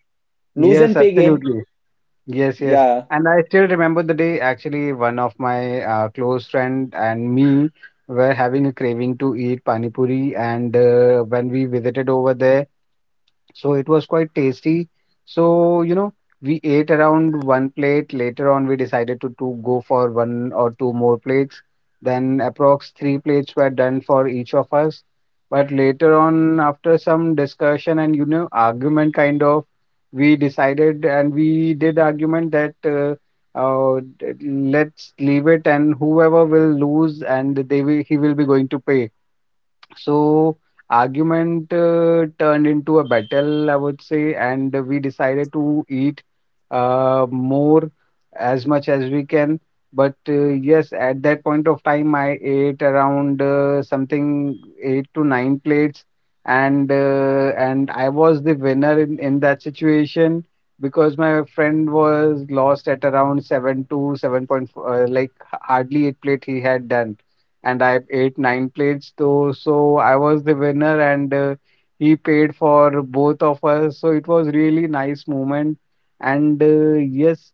Speaker 1: Lose
Speaker 2: Yes,
Speaker 1: and pay game.
Speaker 2: absolutely. Yes, yes.
Speaker 1: Yeah.
Speaker 2: And I still remember the day, actually, one of my uh, close friend and me were having a craving to eat pani puri, and uh, when we visited over there, so it was quite tasty. So, you know, we ate around one plate. Later on, we decided to, to go for one or two more plates. Then, approx three plates were done for each of us. But later on, after some discussion and, you know, argument kind of, we decided and we did argument that, uh, uh, d- let's leave it, and whoever will lose and they will, he will be going to pay. So argument, uh, turned into a battle, I would say, and we decided to eat uh, more, as much as we can. But uh, yes, at that point of time, I ate around, uh, something eight to nine plates, and uh, and I was the winner in, in that situation, because my friend was lost at around seven to seven point four, uh, like hardly eight plate he had done, and I ate nine plates though. So I was the winner, and uh, he paid for both of us. So it was really nice moment. And uh, yes,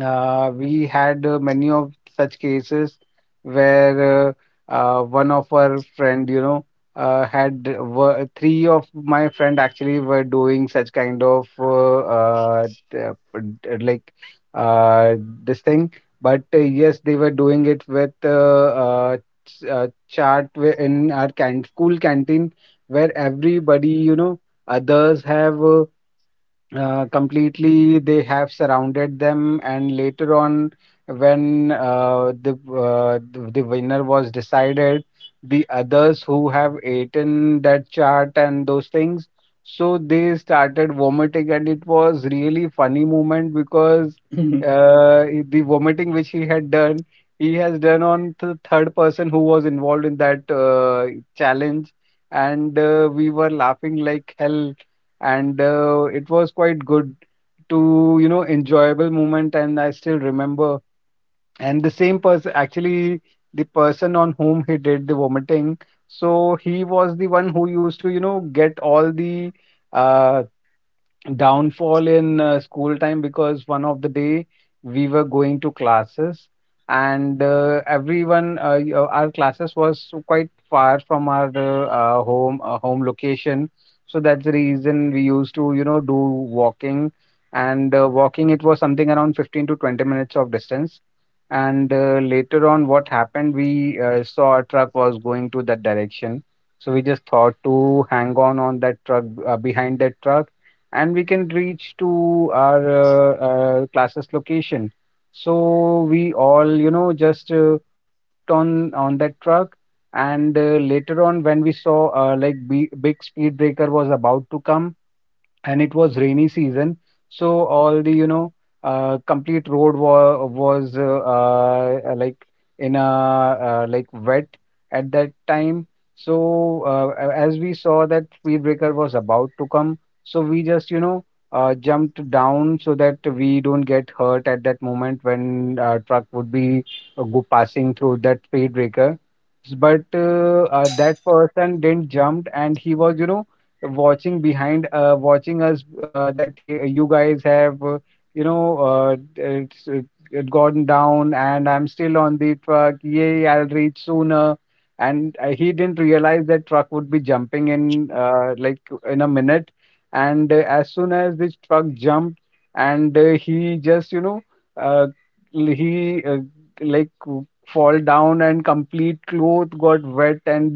Speaker 2: uh, we had uh, many of such cases where uh, uh, one of our friend, you know, uh, had were, three of my friend actually were doing such kind of uh, uh, t- uh, d- like uh, this thing. But uh, yes, they were doing it with uh, uh, ch- uh, chart, where- in our can school canteen, where everybody, you know, others have. Uh, uh, completely, they have surrounded them, and later on when uh, the uh, the the winner was decided, the others who have eaten that chart and those things, so they started vomiting. And it was really funny moment because uh, the vomiting which he had done, he has done on the third person who was involved in that uh, challenge. And uh, we were laughing like hell. And uh, it was quite good to you know enjoyable moment. And I still remember. And the same person actually, the person on whom he did the vomiting, so he was the one who used to you know get all the uh downfall in uh, school time, because one of the day we were going to classes. And uh, everyone uh, y- uh, our classes was quite far from our uh, uh, home uh, home location. So that's the reason we used to you know do walking. And uh, walking, it was something around fifteen to twenty minutes of distance. And uh, later on, what happened, we uh, saw a truck was going to that direction. So we just thought to hang on on that truck, uh, behind that truck, and we can reach to our uh, uh, classes location. So we all, you know, just uh, hopped on on that truck, and uh, later on when we saw uh, like b- big speed breaker was about to come. And it was rainy season. So all the you know uh, complete road wa- was uh, uh, like in a uh, like wet at that time. So uh, a- as we saw that speed breaker was about to come, so we just you know uh, jumped down so that we don't get hurt at that moment when uh, truck would be uh, go passing through that speed breaker. But uh, uh, that person didn't jump, and he was you know watching behind uh, watching us, uh, that he, "You guys have uh, you know uh, it's it, it gone down, and I'm still on the truck. Yay, I'll reach sooner." And uh, he didn't realize that truck would be jumping in uh, like in a minute. And uh, as soon as this truck jumped, and uh, he just you know uh, l- he uh, like fall down. And complete cloth got wet and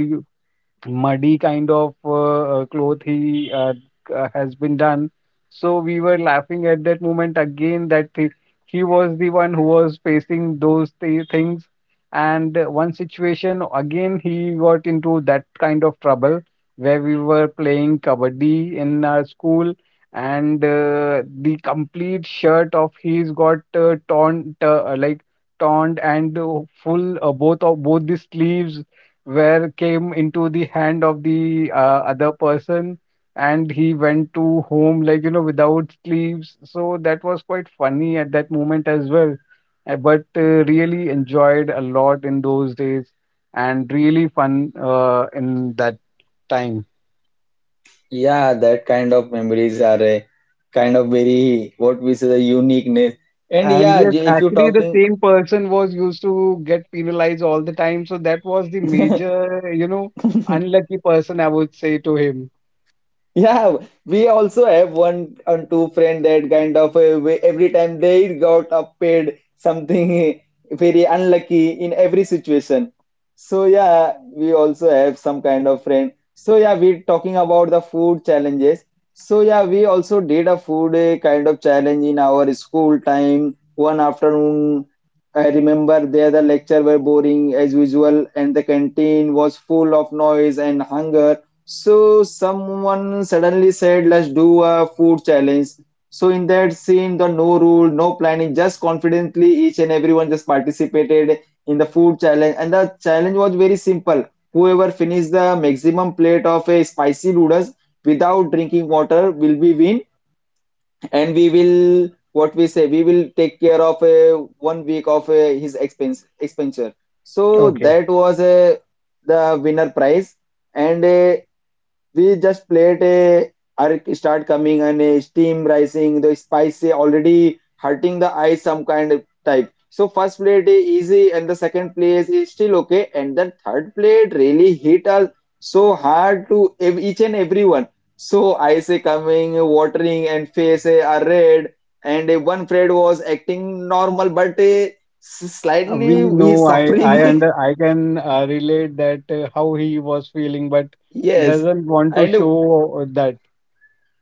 Speaker 2: muddy kind of uh, uh, cloth he uh, uh, has been done. So we were laughing at that moment again that he, he was the one who was facing those thi- things. And uh, one situation again, he got into that kind of trouble, where we were playing kabaddi in our school, and uh, the complete shirt of his got uh, torn t- uh, like torn, and uh, full uh, both of both the sleeves where came into the hand of the uh, other person, and he went to home like you know without sleeves, so that was quite funny at that moment as well. Uh, but uh, really enjoyed a lot in those days, and really fun uh, in that time.
Speaker 1: Yeah, that kind of memories are a kind of very what we say the uniqueness. And
Speaker 2: And
Speaker 1: yeah,
Speaker 2: yes,
Speaker 1: j- if you're
Speaker 2: actually, the
Speaker 1: talking...
Speaker 2: same person was used to get penalized all the time, so that was the major you know unlucky person, I would say to him.
Speaker 1: Yeah, we also have one or two friend that kind of uh, way- every time they got up paid something, very unlucky in every situation. So yeah, we also have some kind of friend. So yeah, we're talking about the food challenges. So yeah, we also did a food uh, kind of challenge in our school time. One afternoon, I remember there the lecture were boring as usual, and the canteen was full of noise and hunger, so someone suddenly said, "Let's do a food challenge." So in that scene, the no rule, no planning, just confidently each and everyone just participated in the food challenge. And the challenge was very simple. Whoever finished the maximum plate of a spicy noodles without drinking water will be win. And we will, what we say, we will take care of a one week of a, his expense expenditure. So
Speaker 2: Okay.
Speaker 1: that was a the winner prize. And uh, we just plate a arc start coming and a steam rising, the spicy already hurting the eyes, some kind of type. So first plate is easy, and the second place is still okay, and the third plate really hit us so hard to ev- each and everyone. So eyes are coming, watering, and face are red, and uh, one Fred was acting normal, but uh, s-
Speaker 2: Uh,
Speaker 1: slightly
Speaker 2: We
Speaker 1: he's
Speaker 2: know, I I
Speaker 1: suffering.
Speaker 2: under I can uh, relate that, uh, how he was feeling, but
Speaker 1: Yes.
Speaker 2: doesn't want to
Speaker 1: And
Speaker 2: show that.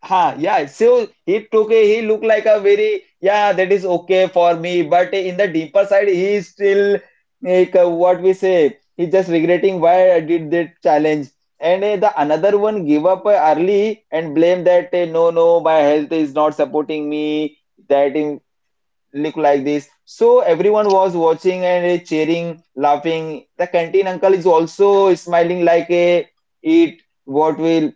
Speaker 1: ha, yeah. So he took a, he looked like a very, yeah, that is okay for me. But in the deeper side, he is still like uh, what we say, he's just regretting why I did that challenge. And uh, the another one give up uh, early, and blame that uh, no, no, my health is not supporting me. That him look like this. So everyone was watching and uh, cheering, laughing. The canteen uncle is also smiling like a eat what will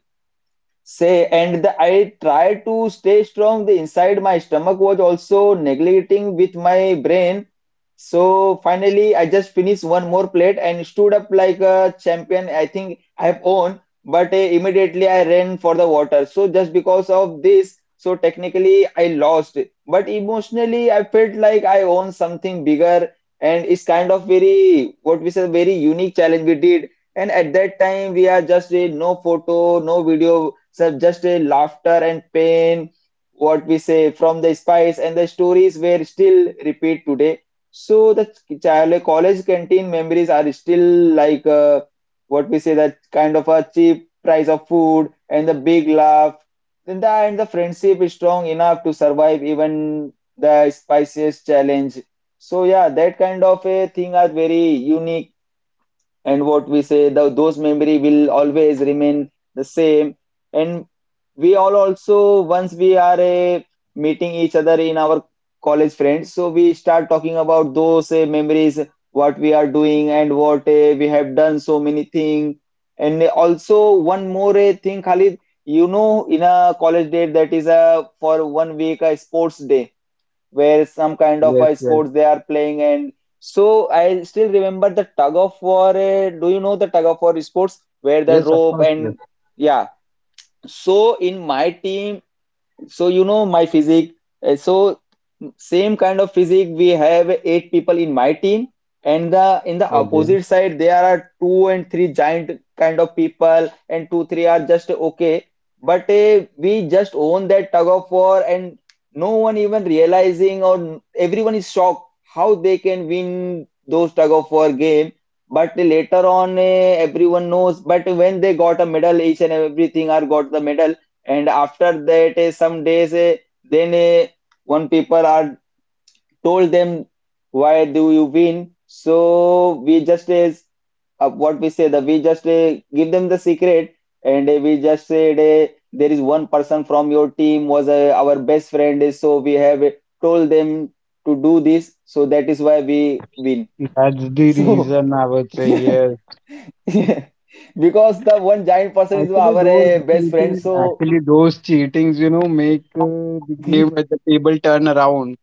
Speaker 1: say, and the, I tried to stay strong, the inside my stomach was also neglecting with my brain. So finally I just finished one more plate and stood up like a champion. I think I have won, but uh, immediately I ran for the water, so just because of this, so technically I lost, but emotionally I felt like I own something bigger. And it's kind of very what we said very unique challenge we did. And at that time, we are just a no photo, no video, so just a laughter and pain. What we say from the spice and the stories were still repeat today. So the child college canteen memories are still like uh, what we say, that kind of a cheap price of food and the big laugh. Then the, and the friendship is strong enough to survive even the spiciest challenge. So yeah, that kind of a thing are very unique, and what we say, the, those memory will always remain the same. And we all also once we are eh, meeting each other in our college friends, so we start talking about those eh, memories what we are doing, and what eh, we have done so many things. And also one more eh, thing, Khalid, you know in a college day, that is a for one week a sports day where some kind of
Speaker 2: Yes,
Speaker 1: a
Speaker 2: yes,
Speaker 1: sports they are playing. And so I still remember the tug of war. Eh, do you know the tug of war sports where the
Speaker 2: yes, of
Speaker 1: rope
Speaker 2: course, yes.
Speaker 1: and... yeah. So in my team, so you know my physique. eh, So same kind of physique we have eight people in my team, and the in the
Speaker 2: Okay,
Speaker 1: opposite side there are two and three giant kind of people, and two three are just okay. But eh, we just own that tug of war, and no one even realizing, or everyone is shocked how they can win those tug of war game. But later on eh, everyone knows, but when they got a medal, each and everything are got the medal. And after that eh, some days eh, then eh, one people are told them, why do you win? So we just is uh, what we say, the, we just uh, give them the secret. And uh, we just said uh, there is one person from your team was uh, our best friend is, so we have uh, told them to do this, so that is why we win.
Speaker 2: that's the
Speaker 1: So
Speaker 2: reason, I would say.
Speaker 1: yeah,
Speaker 2: Yes.
Speaker 1: because the one giant person is
Speaker 2: Actually,
Speaker 1: our
Speaker 2: those
Speaker 1: uh, best friend
Speaker 2: cheatings,
Speaker 1: so.
Speaker 2: actually those cheatings, you know, make uh, the game at the table turn around.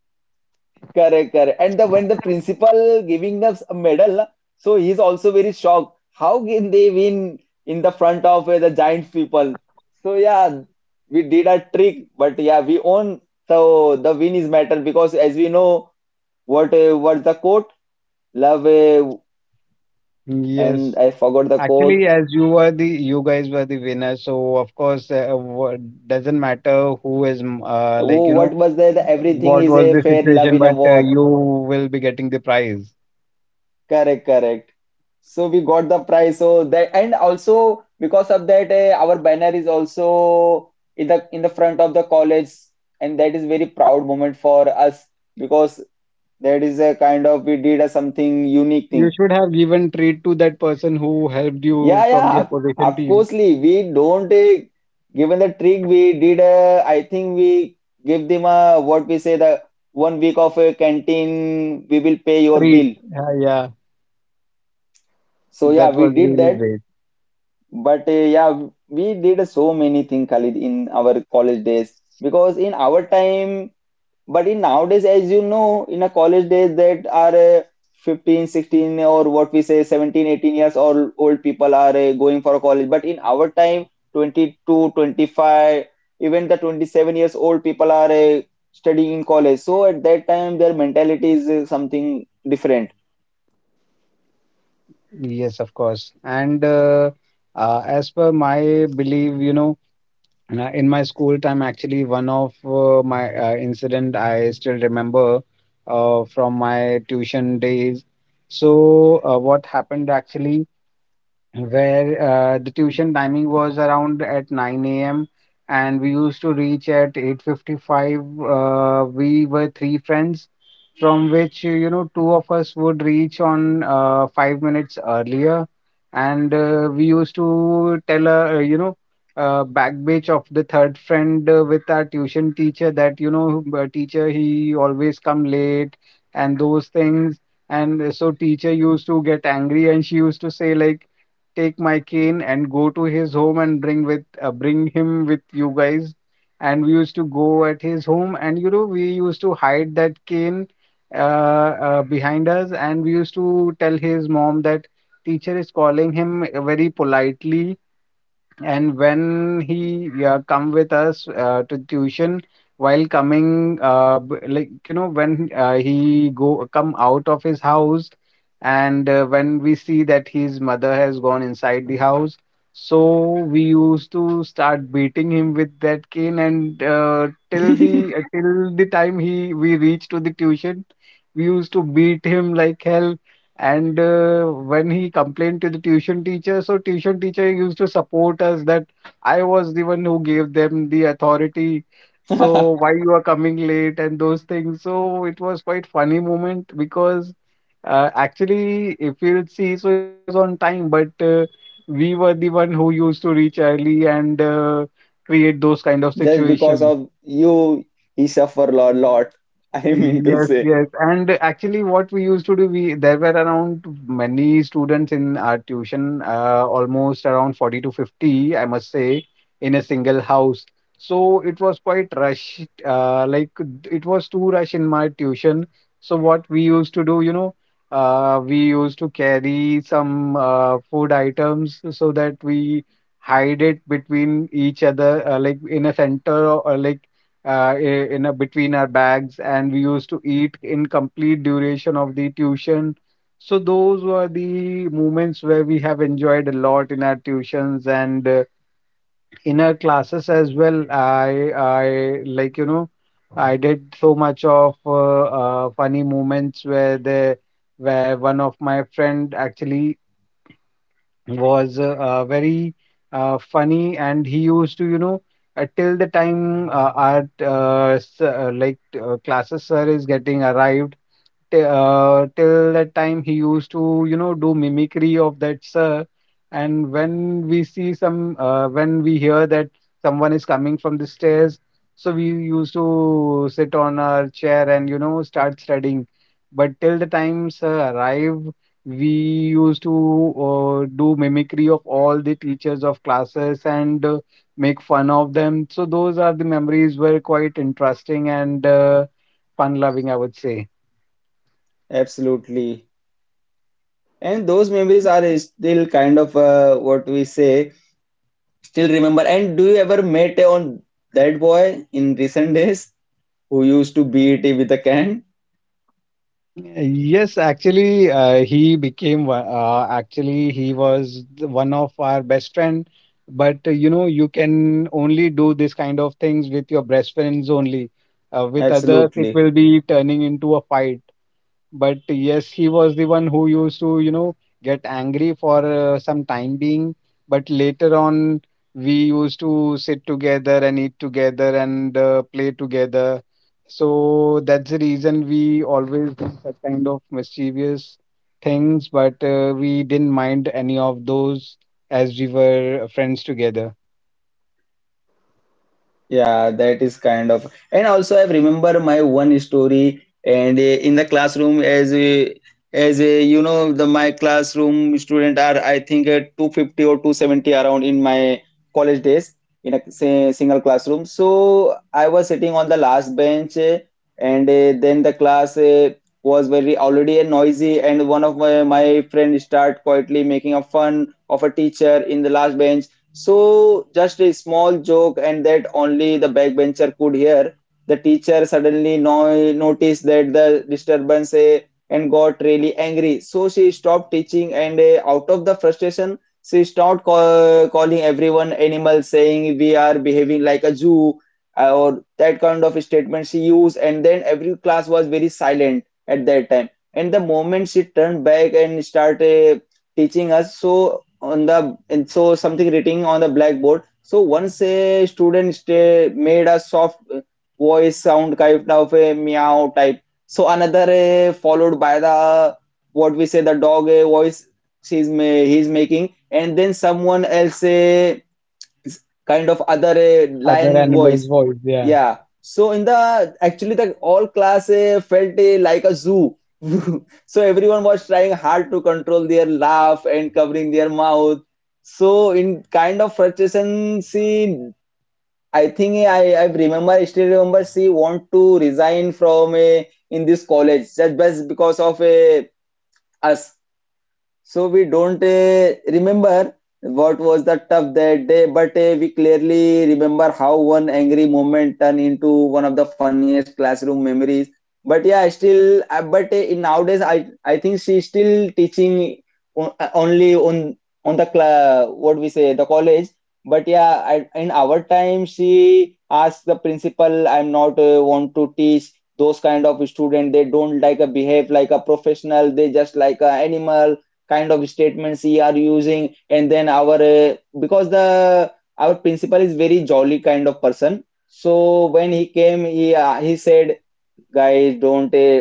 Speaker 1: Correct, correct. And the when the principal giving us a medal, so he's also very shocked. How can they win in the front of uh, the giant people? So yeah, we did a trick, but yeah, we own. So the win is matter because as we know, what uh, was the quote? Love uh,
Speaker 2: Yes.
Speaker 1: and I forgot the quote.
Speaker 2: Actually, as you were the you guys were the winner, so of course, uh, what, doesn't matter who is mm, uh, like
Speaker 1: Oh,
Speaker 2: you know
Speaker 1: what was there? The everything
Speaker 2: what
Speaker 1: is
Speaker 2: was
Speaker 1: a
Speaker 2: the
Speaker 1: fair love
Speaker 2: situation,
Speaker 1: in a
Speaker 2: but uh,
Speaker 1: war.
Speaker 2: you will be getting the prize.
Speaker 1: Correct, correct. So we got the price. So that and also because of that, eh, our banner is also in the in the front of the college, and that is very proud moment for us because that is a kind of we did a something unique
Speaker 2: You
Speaker 1: thing.
Speaker 2: should have given treat to that person who helped you
Speaker 1: Yeah,
Speaker 2: from
Speaker 1: yeah.
Speaker 2: the
Speaker 1: Of
Speaker 2: opposition
Speaker 1: of
Speaker 2: team.
Speaker 1: coursely, we don't eh, given the trick. We did. Uh, I think we give them a what we say, the one week of a canteen. We will pay your
Speaker 2: Treat.
Speaker 1: bill.
Speaker 2: Yeah, yeah.
Speaker 1: So yeah,
Speaker 2: That
Speaker 1: we
Speaker 2: was
Speaker 1: did
Speaker 2: really
Speaker 1: that.
Speaker 2: great.
Speaker 1: But uh, yeah, we did so many things, Khalid, in our college days. Because in our time, but in nowadays, as you know, in a college days that are uh, fifteen, sixteen, or what we say, seventeen, eighteen years old, old people are uh, going for college. But in our time, twenty-two, twenty-five, even the twenty-seven years old people are uh, studying in college. So at that time, their mentality is uh, something different.
Speaker 2: Yes, of course. And uh, uh, as per my belief, you know, and, uh, in my school time, actually, one of uh, my uh, incident I still remember uh, from my tuition days. So, uh, what happened actually? Where uh, the tuition timing was around at nine a m, and we used to reach at eight fifty-five. Uh, we were three friends, from which you know two of us would reach on uh, five minutes earlier, and uh, we used to tell a uh, you know uh, backbench of the third friend uh, with our tuition teacher that you know uh, teacher he always come late and those things. And so teacher used to get angry, and she used to say like, "Take my cane and go to his home and bring with uh, bring him with you guys." And we used to go at his home, and you know we used to hide that cane uh, uh, behind us, and we used to tell his mom that teacher is calling him, uh, very politely. And when he, yeah, come with us uh, to tuition, while coming, uh, b- like you know, when uh, he go come out of his house, and uh, when we see that his mother has gone inside the house, so we used to start beating him with that cane. And uh, till the uh, till the time he we reached to the tuition, we used to beat him like hell. And uh, when he complained to the tuition teacher, so tuition teacher used to support us that I was the one who gave them the authority. So why you are coming late, and those things. So it was quite funny moment because uh, actually, if you'll see, so he was on time, but uh, we were the one who used to reach early and uh, create those kind of
Speaker 1: Just because
Speaker 2: situations.
Speaker 1: of you, he suffer a lot. I mean to
Speaker 2: Yes,
Speaker 1: say,
Speaker 2: yes. And actually, what we used to do, we there were around many students in our tuition, uh, almost around forty to fifty, I must say, in a single house. So it was quite rushed. Uh, like it was too rush in my tuition. So what we used to do, you know, uh, we used to carry some uh, food items, so that we hide it between each other, uh, like in a center or uh, like uh, i- in a, between our bags, and we used to eat in complete duration of the tuition. So those were the moments where we have enjoyed a lot in our tuitions, and uh, in our classes as well. I I like you know, I did so much of uh, uh, funny moments, where the where one of my friend actually was uh, uh, very uh, funny, and he used to you know uh, till the time uh, our uh, s- uh, like uh, classes sir is getting arrived. T- uh, till that time he used to you know do mimicry of that sir, and when we see some uh, when we hear that someone is coming from the stairs, so we used to sit on our chair and you know start studying. But till the time sir arrived, we used to uh, do mimicry of all the teachers of classes, and uh, make fun of them. So those are the memories were quite interesting, and uh, fun loving, I would say.
Speaker 1: absolutely. And those memories are still kind of uh, what we say, still remember. And do you ever met on that boy in recent days who used to beat it with a can?
Speaker 2: Yes, actually, uh, he became one- uh, actually he was the- one of our best friend. But uh, you know, you can only do this kind of things with your best friends only. Uh, with others, it
Speaker 1: Absolutely.
Speaker 2: will be turning into a fight. But yes, he was the one who used to you know get angry for uh, some time being, but later on we used to sit together and eat together, and uh, play together. So that's the reason we always do such kind of mischievous things, but uh, we didn't mind any of those, as we were uh, friends together.
Speaker 1: Yeah, that is kind of, and also I remember my one story, and uh, in the classroom as a as a you know the my classroom student are I think at two hundred fifty or two hundred seventy around in my college days in a say, single classroom. So I was sitting on the last bench, uh, and uh, then the class uh, was very already uh, noisy, and one of my my friend start quietly making a fun of a teacher in the last bench so, just a small joke, and that only the backbencher could hear. The teacher suddenly no- noticed that the disturbance eh, and got really angry. So, she stopped teaching, and eh, out of the frustration, she started call- calling everyone animals, saying, "We are behaving like a zoo," uh, or that kind of statement she used. And then every class was very silent at that time. And the moment she turned back and started eh, teaching us, so on the and so something written on the blackboard so once a student sta- made a soft uh, voice sound kind of a meow type, so another uh, followed by the what we say the dog uh, voice she's ma- he's making, and then someone else uh, kind of other uh,
Speaker 2: Other
Speaker 1: lion
Speaker 2: animals
Speaker 1: voice,
Speaker 2: voice, yeah.
Speaker 1: yeah. So in the actually the all class eh, felt eh, like a zoo. So everyone was trying hard to control their laugh and covering their mouth. So in kind of frustration, she I think eh, I I remember I still remember she want to resign from a in this college just bas- because of a us. So we don't uh, remember what was the tough that day, but uh, we clearly remember how one angry moment turned into one of the funniest classroom memories. But yeah, still, uh, but uh, in nowadays, I I think she's still teaching o- uh, only on on the cla what we say the college. But yeah, I, in our time, she asked the principal, "I'm not uh, want to teach." Those kind of student they don't like a behave like a professional, they just like a animal kind of statements we are using. And then our uh, because the our principal is very jolly kind of person, so when he came he uh, he said, guys don't uh,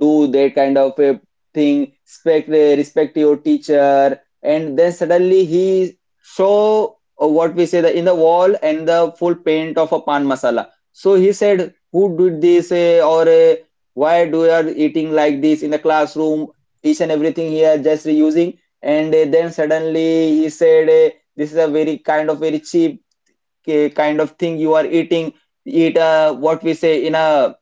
Speaker 1: do that kind of a thing, respect respect your teacher, and then suddenly he show uh, what we say the in the wall and the full paint of a pan masala. So he said, "Who did this? eh, or eh, why do you are eating like this in the classroom? Each and everything he are just reusing." And eh, then suddenly he said, eh, "This is a very kind of very cheap eh, kind of thing you are eating." Eat uh, what we say in a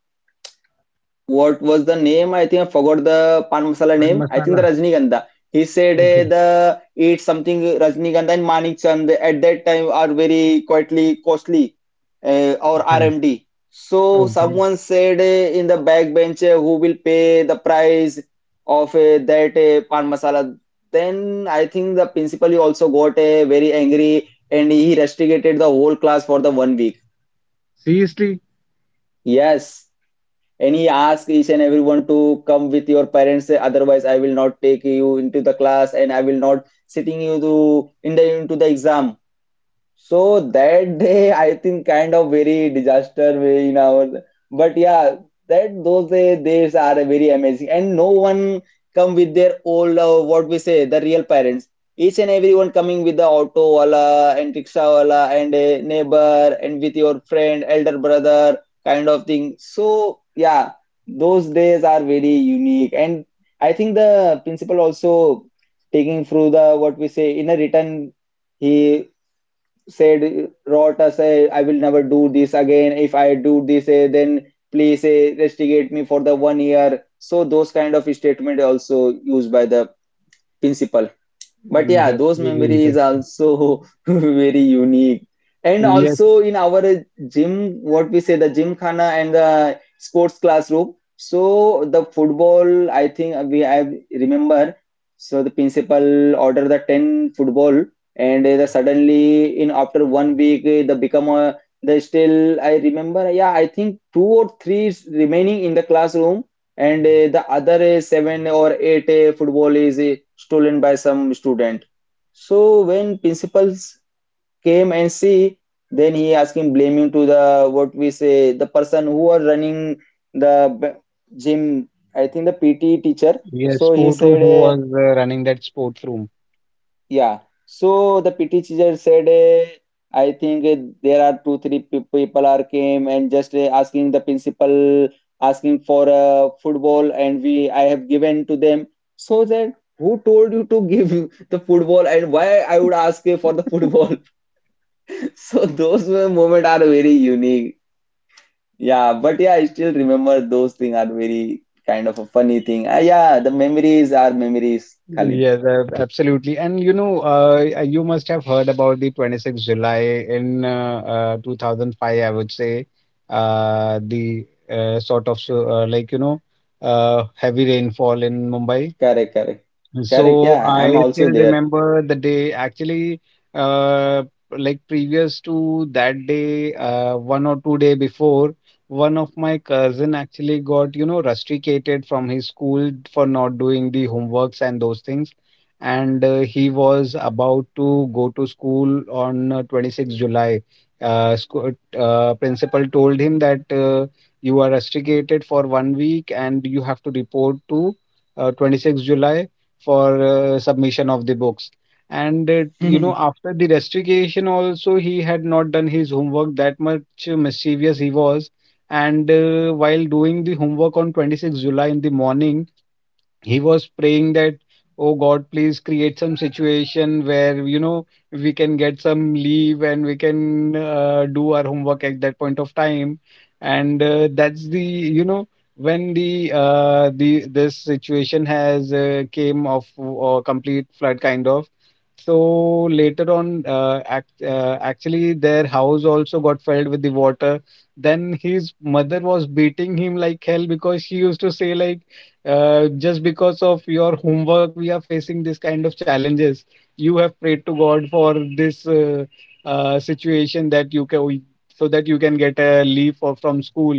Speaker 1: what was the name? I think I forgot the Pan Masala
Speaker 2: And
Speaker 1: name. I think the
Speaker 2: masala.
Speaker 1: Rajnigandha. He said
Speaker 2: Okay.
Speaker 1: uh, the eat something Rajnigandha and Manik Chand at that time are very quietly costly uh, or
Speaker 2: Correct.
Speaker 1: R M D. So
Speaker 2: Okay.
Speaker 1: someone said uh, in the back bench uh, who will pay the price of uh, that uh, Pan Masala. Then I think the principal also got uh, very angry and he rusticated the whole class for the one week.
Speaker 2: Seriously.
Speaker 1: Yes. And he asked each and everyone to come with your parents, otherwise I will not take you into the class and I will not sitting you to in the into the exam. So that day, I think kind of very disaster way in our, but yeah, that those day, days are very amazing, and no one come with their old uh, what we say the real parents. Each and everyone coming with the auto wala and rickshaw wala and a neighbor and with your friend, elder brother kind of thing. So yeah, those days are very unique, and I think the principal also taking through the what we say in a written he said Rota say I will never do this again. If I do this, eh, then please eh, investigate me for the one year. So those kind of statement also used by the principal. But
Speaker 2: Mm,
Speaker 1: yeah,
Speaker 2: that's
Speaker 1: those
Speaker 2: really
Speaker 1: memories
Speaker 2: interesting.
Speaker 1: also very unique. And
Speaker 2: Yes.
Speaker 1: also in our gym, what we say the gym khana and the sports classroom. So the football, I think we I remember. So the principal order the ten football, and the suddenly in after one week eh, the become a the still I remember. Yeah, I think two or three is remaining in the classroom, and uh, the other uh, seven or eight uh, football is uh, stolen by some student. So when principals came and see, then he asking blaming to the what we say the person who are running the b- gym. I think the P T teacher.
Speaker 2: Yes,
Speaker 1: So he
Speaker 2: sport room.
Speaker 1: said.
Speaker 2: Who
Speaker 1: Uh,
Speaker 2: was uh, running that sport room?
Speaker 1: yeah, so the P T teacher said, eh, I think eh, there are two, three peop- people are came and just eh, asking the principal, asking for uh, football, and we I have given to them. So then, who told you to give the football, and why I would ask eh, for the football? So those moments are very unique. Yeah, but yeah, I still remember those things are very kind of a funny thing. Ah, yeah, the memories are memories, Khalid.
Speaker 2: Yes, ab- absolutely. And you know, uh, uh, you must have heard about the twenty-sixth July in uh, uh, two thousand five, I would say. Uh, the uh, sort of so- uh, like, you know, uh, heavy rainfall in Mumbai.
Speaker 1: Correct, correct, correct.
Speaker 2: So
Speaker 1: Yeah, I'm
Speaker 2: I
Speaker 1: also
Speaker 2: still
Speaker 1: there.
Speaker 2: remember the day, actually. uh like Previous to that day, uh one or two day before, one of my cousin actually got you know rusticated from his school for not doing the homeworks and those things, and uh, he was about to go to school on uh, twenty-sixth July uh, school. Uh principal told him that, uh, "You are rusticated for one week, and you have to report to uh, twenty-sixth July for uh, submission of the books." And it, you know after the restriction also, he had not done his homework that much. Uh, mischievous he was. And uh, while doing the homework on twenty-sixth July in the morning, he was praying that, "Oh God, please create some situation where you know we can get some leave, and we can uh, do our homework at that point of time." And uh, that's the you know when the uh, the this situation has uh, came of uh, complete flood kind of. So later on, uh, act, uh, actually, their house also got filled with the water. Then his mother was beating him like hell because she used to say like, uh, just because of your homework, we are facing this kind of challenges. You have prayed to God for this uh, uh, situation that you can so that you can get a leave for, from school.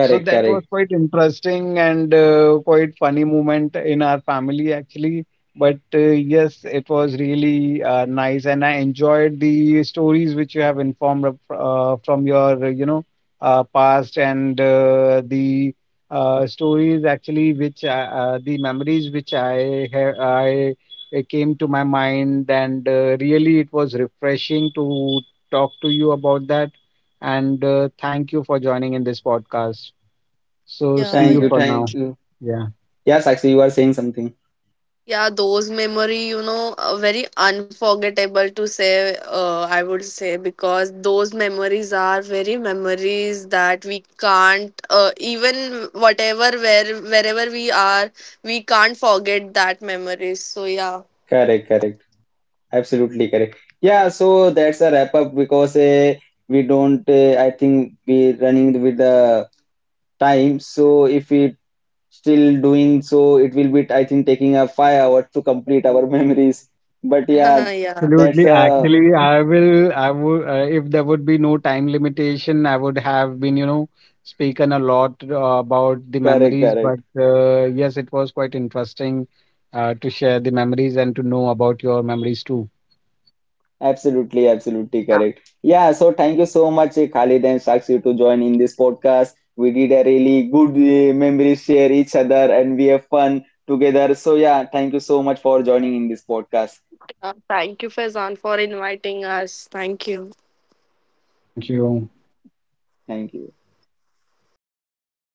Speaker 2: So that was
Speaker 1: correct.
Speaker 2: quite interesting, and uh, quite funny moment in our family actually. But uh, yes, it was really uh, nice, and I enjoyed the stories which you have informed of, uh, from your you know uh, past, and uh, the uh, stories actually, which I- uh, the memories which I ha- I it came to my mind, and uh, really it was refreshing to talk to you about that. And uh, thank you for joining in this podcast. So see
Speaker 3: Yeah,
Speaker 1: Thank
Speaker 2: you
Speaker 1: you,
Speaker 3: yeah.
Speaker 2: for
Speaker 1: thank
Speaker 2: now.
Speaker 1: you.
Speaker 2: Yeah,
Speaker 1: Yeah, Sakshi, you are saying something.
Speaker 3: Yeah, those memory, you know, uh, very unforgettable to say, uh, I would say, because those memories are very memories that we can't, uh, even whatever, where wherever we are, we can't forget that memories. So, yeah.
Speaker 1: Correct, correct. Absolutely correct. Yeah, so that's a wrap up because uh, we don't, uh, I think we running with the time. So if we still doing so, it will be, I think, taking a five hours to complete our memories. But yeah, that's
Speaker 2: absolutely.
Speaker 1: a
Speaker 2: Actually, I will. I would. Uh, if there would be no time limitation, I would have been, you know, speaking a lot uh, about the
Speaker 1: correct,
Speaker 2: memories. But
Speaker 1: correct.
Speaker 2: uh, yes, it was quite interesting uh, to share the memories and to know about your memories too.
Speaker 1: Absolutely, absolutely
Speaker 3: Yeah.
Speaker 1: correct. Yeah, so thank you so much, eh, Khalid and Sakshi, to join in this podcast. We did a really good eh, memory share each other and we have fun together. So yeah, thank you so much for joining in this podcast.
Speaker 3: Uh, thank you, Faizan, for inviting us. Thank you.
Speaker 2: Thank you.
Speaker 1: Thank you.